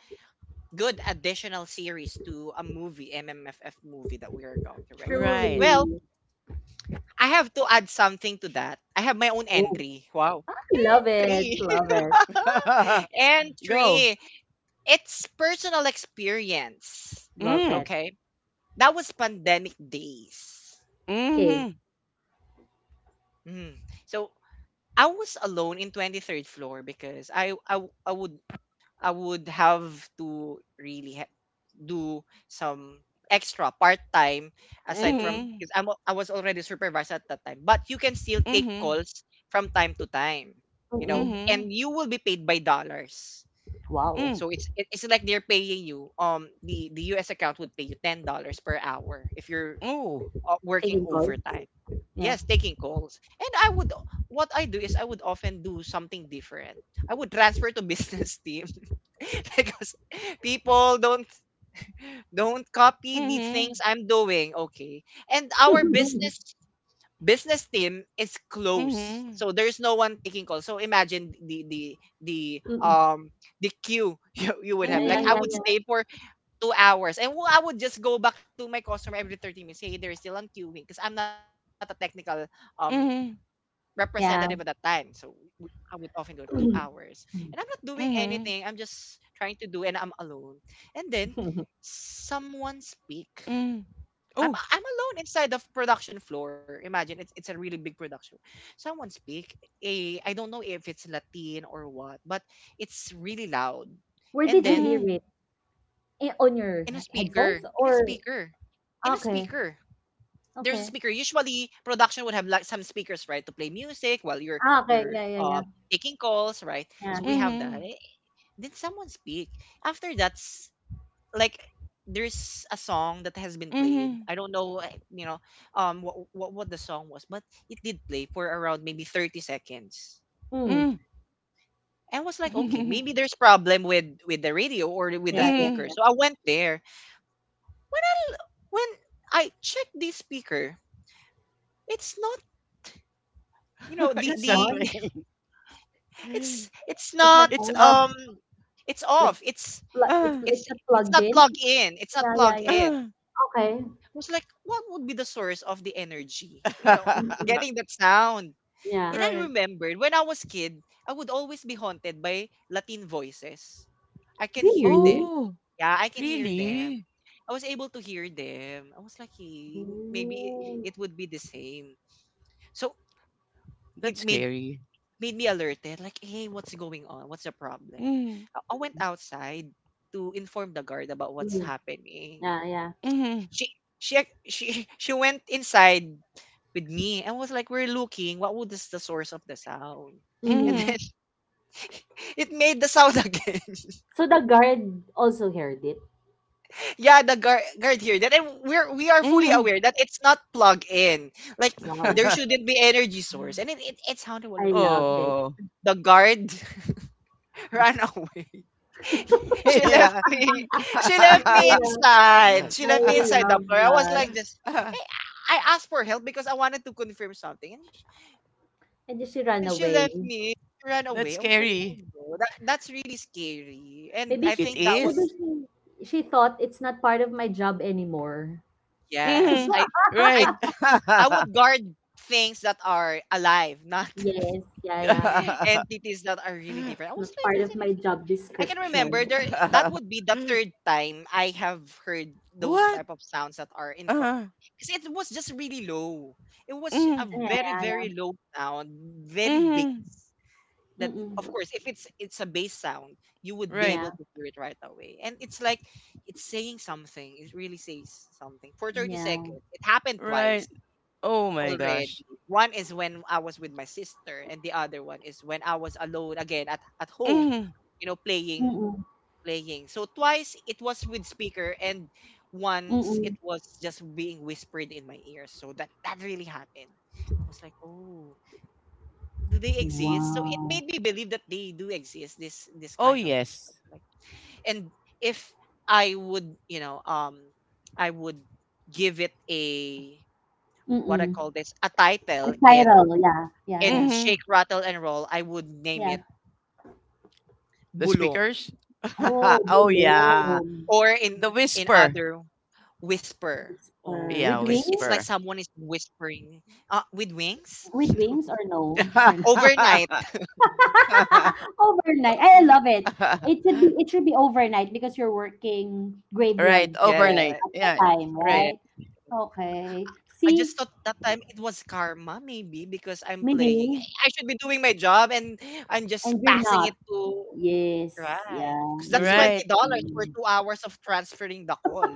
good additional series to a movie, M M F F movie that we are going to record. Right. Well, truly. I have to add something to that. I have my own Ooh, entry. Wow. love it, Entry. love it, Go. Entry. It's personal experience. love Mm. it. Okay. That was pandemic days. Okay. Mm-hmm. Mm. So I was alone in twenty-third floor because I, I, I would I would have to really ha- do some extra part time aside from, Mm-mm, Mm-hmm. because I'm al- I was already supervised at that time. But you can still take Mm-hmm. calls from time to time, you know, mm-mm. Mm-hmm. and you will be paid by dollars. Wow. Mm. So it's, it- it's like they're paying you. Um, the the U S account would pay you ten dollars per hour if you're, Oh. uh, working Taking calls. overtime. Yeah. Yes, taking calls. And I would, what I do is I would often do something different. I would transfer to business team, because people don't, don't copy the Mm-hmm. things I'm doing, okay? And our Mm-mm. business business team is close. Mm-hmm. So there's no one taking calls. So imagine the the the um the queue, you, you would Yeah, have. yeah, Like I yeah, would Mm-hmm. yeah. stay for two hours, and I would just go back to my customer every thirty minutes. Hey, they're still on queuing because I'm not a technical um Mm-hmm. representative at that time. So we- I would often do it, two Yeah. hours. And I'm not doing anything. I'm Mm-hmm. just trying to do and I'm alone. And then someone speak. Mm. I'm Oh. I'm alone inside the production floor. Imagine it's it's a really big production. Someone speak. A, I don't know if it's Latin or what, but it's really loud. Where And did you then, hear Mm-hmm. it? Eh, on your in a he- speaker, headphones in a or speaker, in a okay, speaker, there's a okay. speaker. Usually, production would have like some speakers, right, to play music while you're Ah, okay. you're Yeah, yeah, uh, yeah. taking calls, right? Yeah. So we have Mm-hmm. that. Eh, did someone speak? After, that's like there's a song that has been played. Mm-hmm. I don't know, eh, you know, um, what what what the song was, but it did play for around maybe thirty seconds. Mm. I was like, okay, Mm. maybe there's problem with with the radio or with the Yeah, yeah, speaker. yeah. Mm. So I went there. When I when I checked the speaker, it's not. you know It's the not It's not on. the playing. It's it's It's not not, It's on. off. um it's Like off. It's pl- it's Ah. it's it's not it's plugged not in. plugged in. It's not Yeah, yeah, plugged yeah. in. Ah, I Okay. was like, what would be the source of the energy? You know, Mm-mm. getting that sound. Yeah. And I right. remembered when I was kid, I would always be haunted by Latin voices. I can hear them. Really? Oh, Yeah, I can hear them. really? I was able to hear them. I was like, "Hey, maybe it, it Oh. would be the same." So That's it made scary. made me alerted, like, hey, what's going on, what's the problem? Mm, I I went outside to inform the guard about what's Mm. happening. Yeah, yeah. mm, she she ac- she she went inside with me and was like, we're looking what was this, the source of the sound. And Mm-hmm. mm, then it made the sound again. So the guard also heard it. Yeah, the guard guard here that, and we're we are fully mm. aware that it's not plug in. Like, Wow. there shouldn't be energy source, and it, it, it sounded well. I love it. oh, The guard ran away. She left yeah. me. She left I me love inside. She I left me inside the love floor. I was that. like, just, hey, I asked for help because I wanted to confirm something. And she, And then she ran and she away. left me. She ran that's away. I was like, oh scary. no, that, that's really scary. And Maybe I she It think that was, maybe is. she she thought it's not part of my job anymore. yes, Mm, I, right. I, I would guard things that are alive, not Yes, yeah, yeah. entities that are really different. I It's was not part of like, my job I can remember description. there that would be the third time I have heard those what? type of sounds that are in, Uh, because it was just really low. It was a mm, Yeah, very yeah, yeah. very low sound, very big. mm, That of Mm-mm. course, if it's it's a bass sound, you would be right, Yeah. able to hear it right away. And it's like it's saying something. It really says something for thirty Yeah. seconds. It happened right. twice Oh my already. gosh. One is when I was with my sister, and the other one is when I was alone again at at home, Mm, you know, playing Mm-mm. playing. So twice it was with speaker, and once it Mm-mm. was just being whispered in my ears. So that that really happened. I was like, "Oh, do they exist?" So it Wow. made me believe that they do exist, this this oh, kind of things. So, yes. like, and if I would, you know, um I would give it a, what I Mm-mm. call this, a A title. In title, yeah. in Yeah, Mhm. Shake Rattle and Roll, I would name it yeah. The bulong. speakers? Oh, oh yeah. bulong. Or The in in whisper. other, whisper. Whisper. Okay, Yeah, With because it's wings? like whisper. someone is whispering, uh, with wings With wings or no? Or no? overnight. Overnight. I love it. It should be it should be overnight because you're working Right, graveyard shift overnight. Yeah, at the Yeah, time, yeah. right. right? Okay. I See, just thought that time it was karma, maybe because I'm playing. maybe I should be doing my job, and I'm just and you're passing it not. to, Yes. right, Yeah. because that's Maybe it's twenty Right. dollars for um, two hours of transferring the call.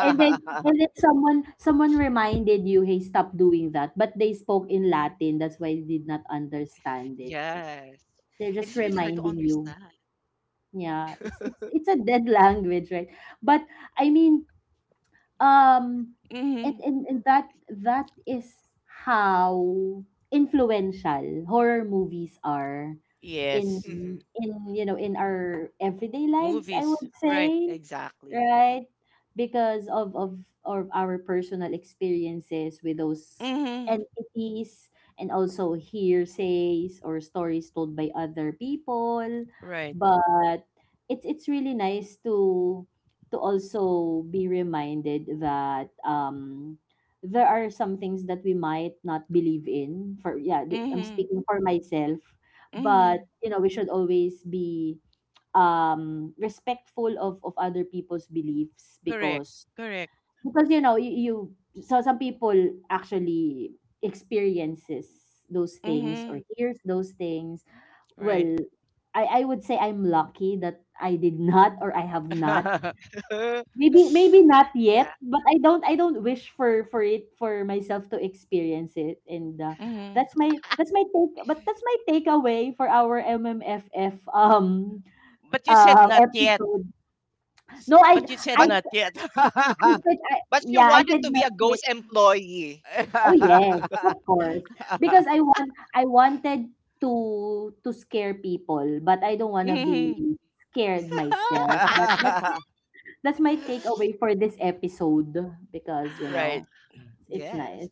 and then and then someone someone reminded you, hey, stop doing that. But they spoke in Latin, that's why you did not understand it. Yes, They're it just is really hard to reminding you. understand. Yeah, it's it's it's a dead language, right? But I mean, um, and Mhm. and, and that that is how influential horror movies are in Yes. Hmm. in you know in our everyday lives, I Movies. would Right. say. Exactly. Right, because of of of our personal experiences with those Mhm. entities, and also hearsays or stories told by other people. Right. But it's it's really nice to to also be reminded that um there are some things that we might not believe in, for yeah, th- I'm Mhm. speaking for myself. But Mhm. you know we should always be um respectful of of other people's beliefs. Correct. because Correct. because you know you, you so some people actually experiences those things or Mhm. hears those things. Right. Well, i I would say I'm lucky that I did not, or I have not. Maybe maybe not Yeah, yet, but I don't I don't wish for for it for myself to experience it, and uh, mhm. that's my that's my take. But that's my takeaway for our M M F F um But you said uh not yet. episode. S- No, I But you I said but not yet. I said I, But she yeah, I said wanted to be not a yet. ghost employee. Oh yes, of course, because I want I wanted to to scare people, but I don't wanna be Mhm. scared myself. But that's that's my takeaway for this episode, because you right, know right. It's nice. Yes.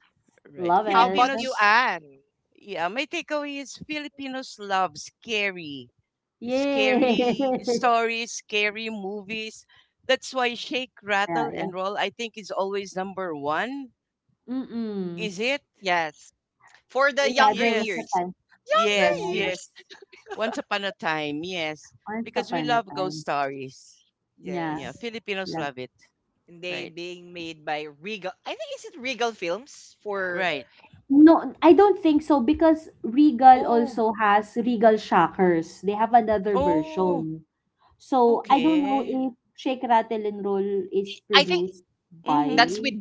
Love How it. about you, Filipinos, Anne? yeah, my takeaway is Filipinos love scary, Yes. scary stories, scary movies. That's why Shake, Rattle, Yeah, yeah. and Roll, I think, is always number one. Mm-mm. Is it? Yes. For the Yeah, younger there was a Yes, years. time. Yeah, yes, Younger yeah. years. yes. Once upon a time, yes. Once Because we upon a love ghost time. stories. Yeah, Yeah, Yes. Filipinos love. love it. And they Right, being made by Regal. I think, is it Regal Films for right. No, I don't think so because Regal Oh. also has Regal Shockers. They have another Oh, version. So I No. don't know okay. if Shake Rattle and Roll is I think produced that's Mhm, by. with,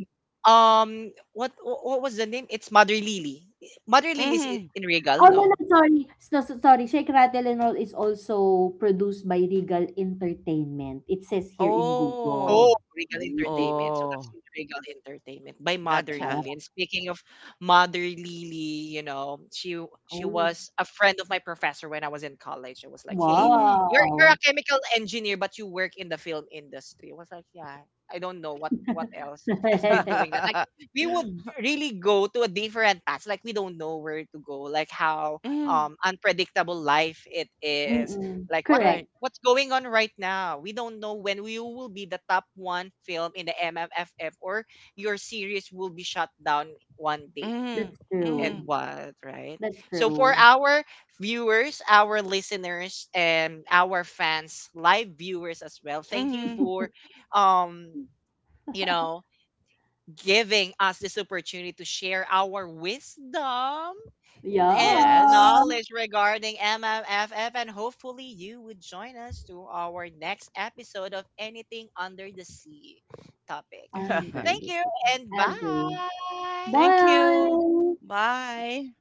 um, what what was the name? It's Mother Lily. Mother Lily is i- mhm. in Regal? Oh, no, no, No. sorry. So so sorry, Shake, Rattle and Roll is also produced by Regal Entertainment. It says here in Oh, Google. Oh, Regal Yes, Entertainment. So that's oh, Regal Entertainment by Mother Lily. gotcha. ah, And speaking of Mother Lily, you know, she she oh, was a friend of my professor when I was in college. It was like, hey, Mhm. you're you're a wow. chemical engineer, but you work in the film industry. I was like, yeah, I don't know what what else has been doing that. Like we Mhm, would really go to a different path. Like we don't know where to go. Like how, um, unpredictable life it is. Mm, Like what o- correct. right. what's going on right now? We don't know when we will be the top one film in the M M F F, or your series will be shut down one day. Mhm, That's And mhm, true. what, right? That's So for true. our viewers, our listeners, and our fans, live viewers as well, thank you mhm. for, um you know giving us this opportunity to share our wisdom and Yeah. Yes. knowledge regarding M M F F. And hopefully, you would join us to our next episode of Anything Under the Sea topic. Under Thank the you and agree. bye. Thank you. Bye. Bye.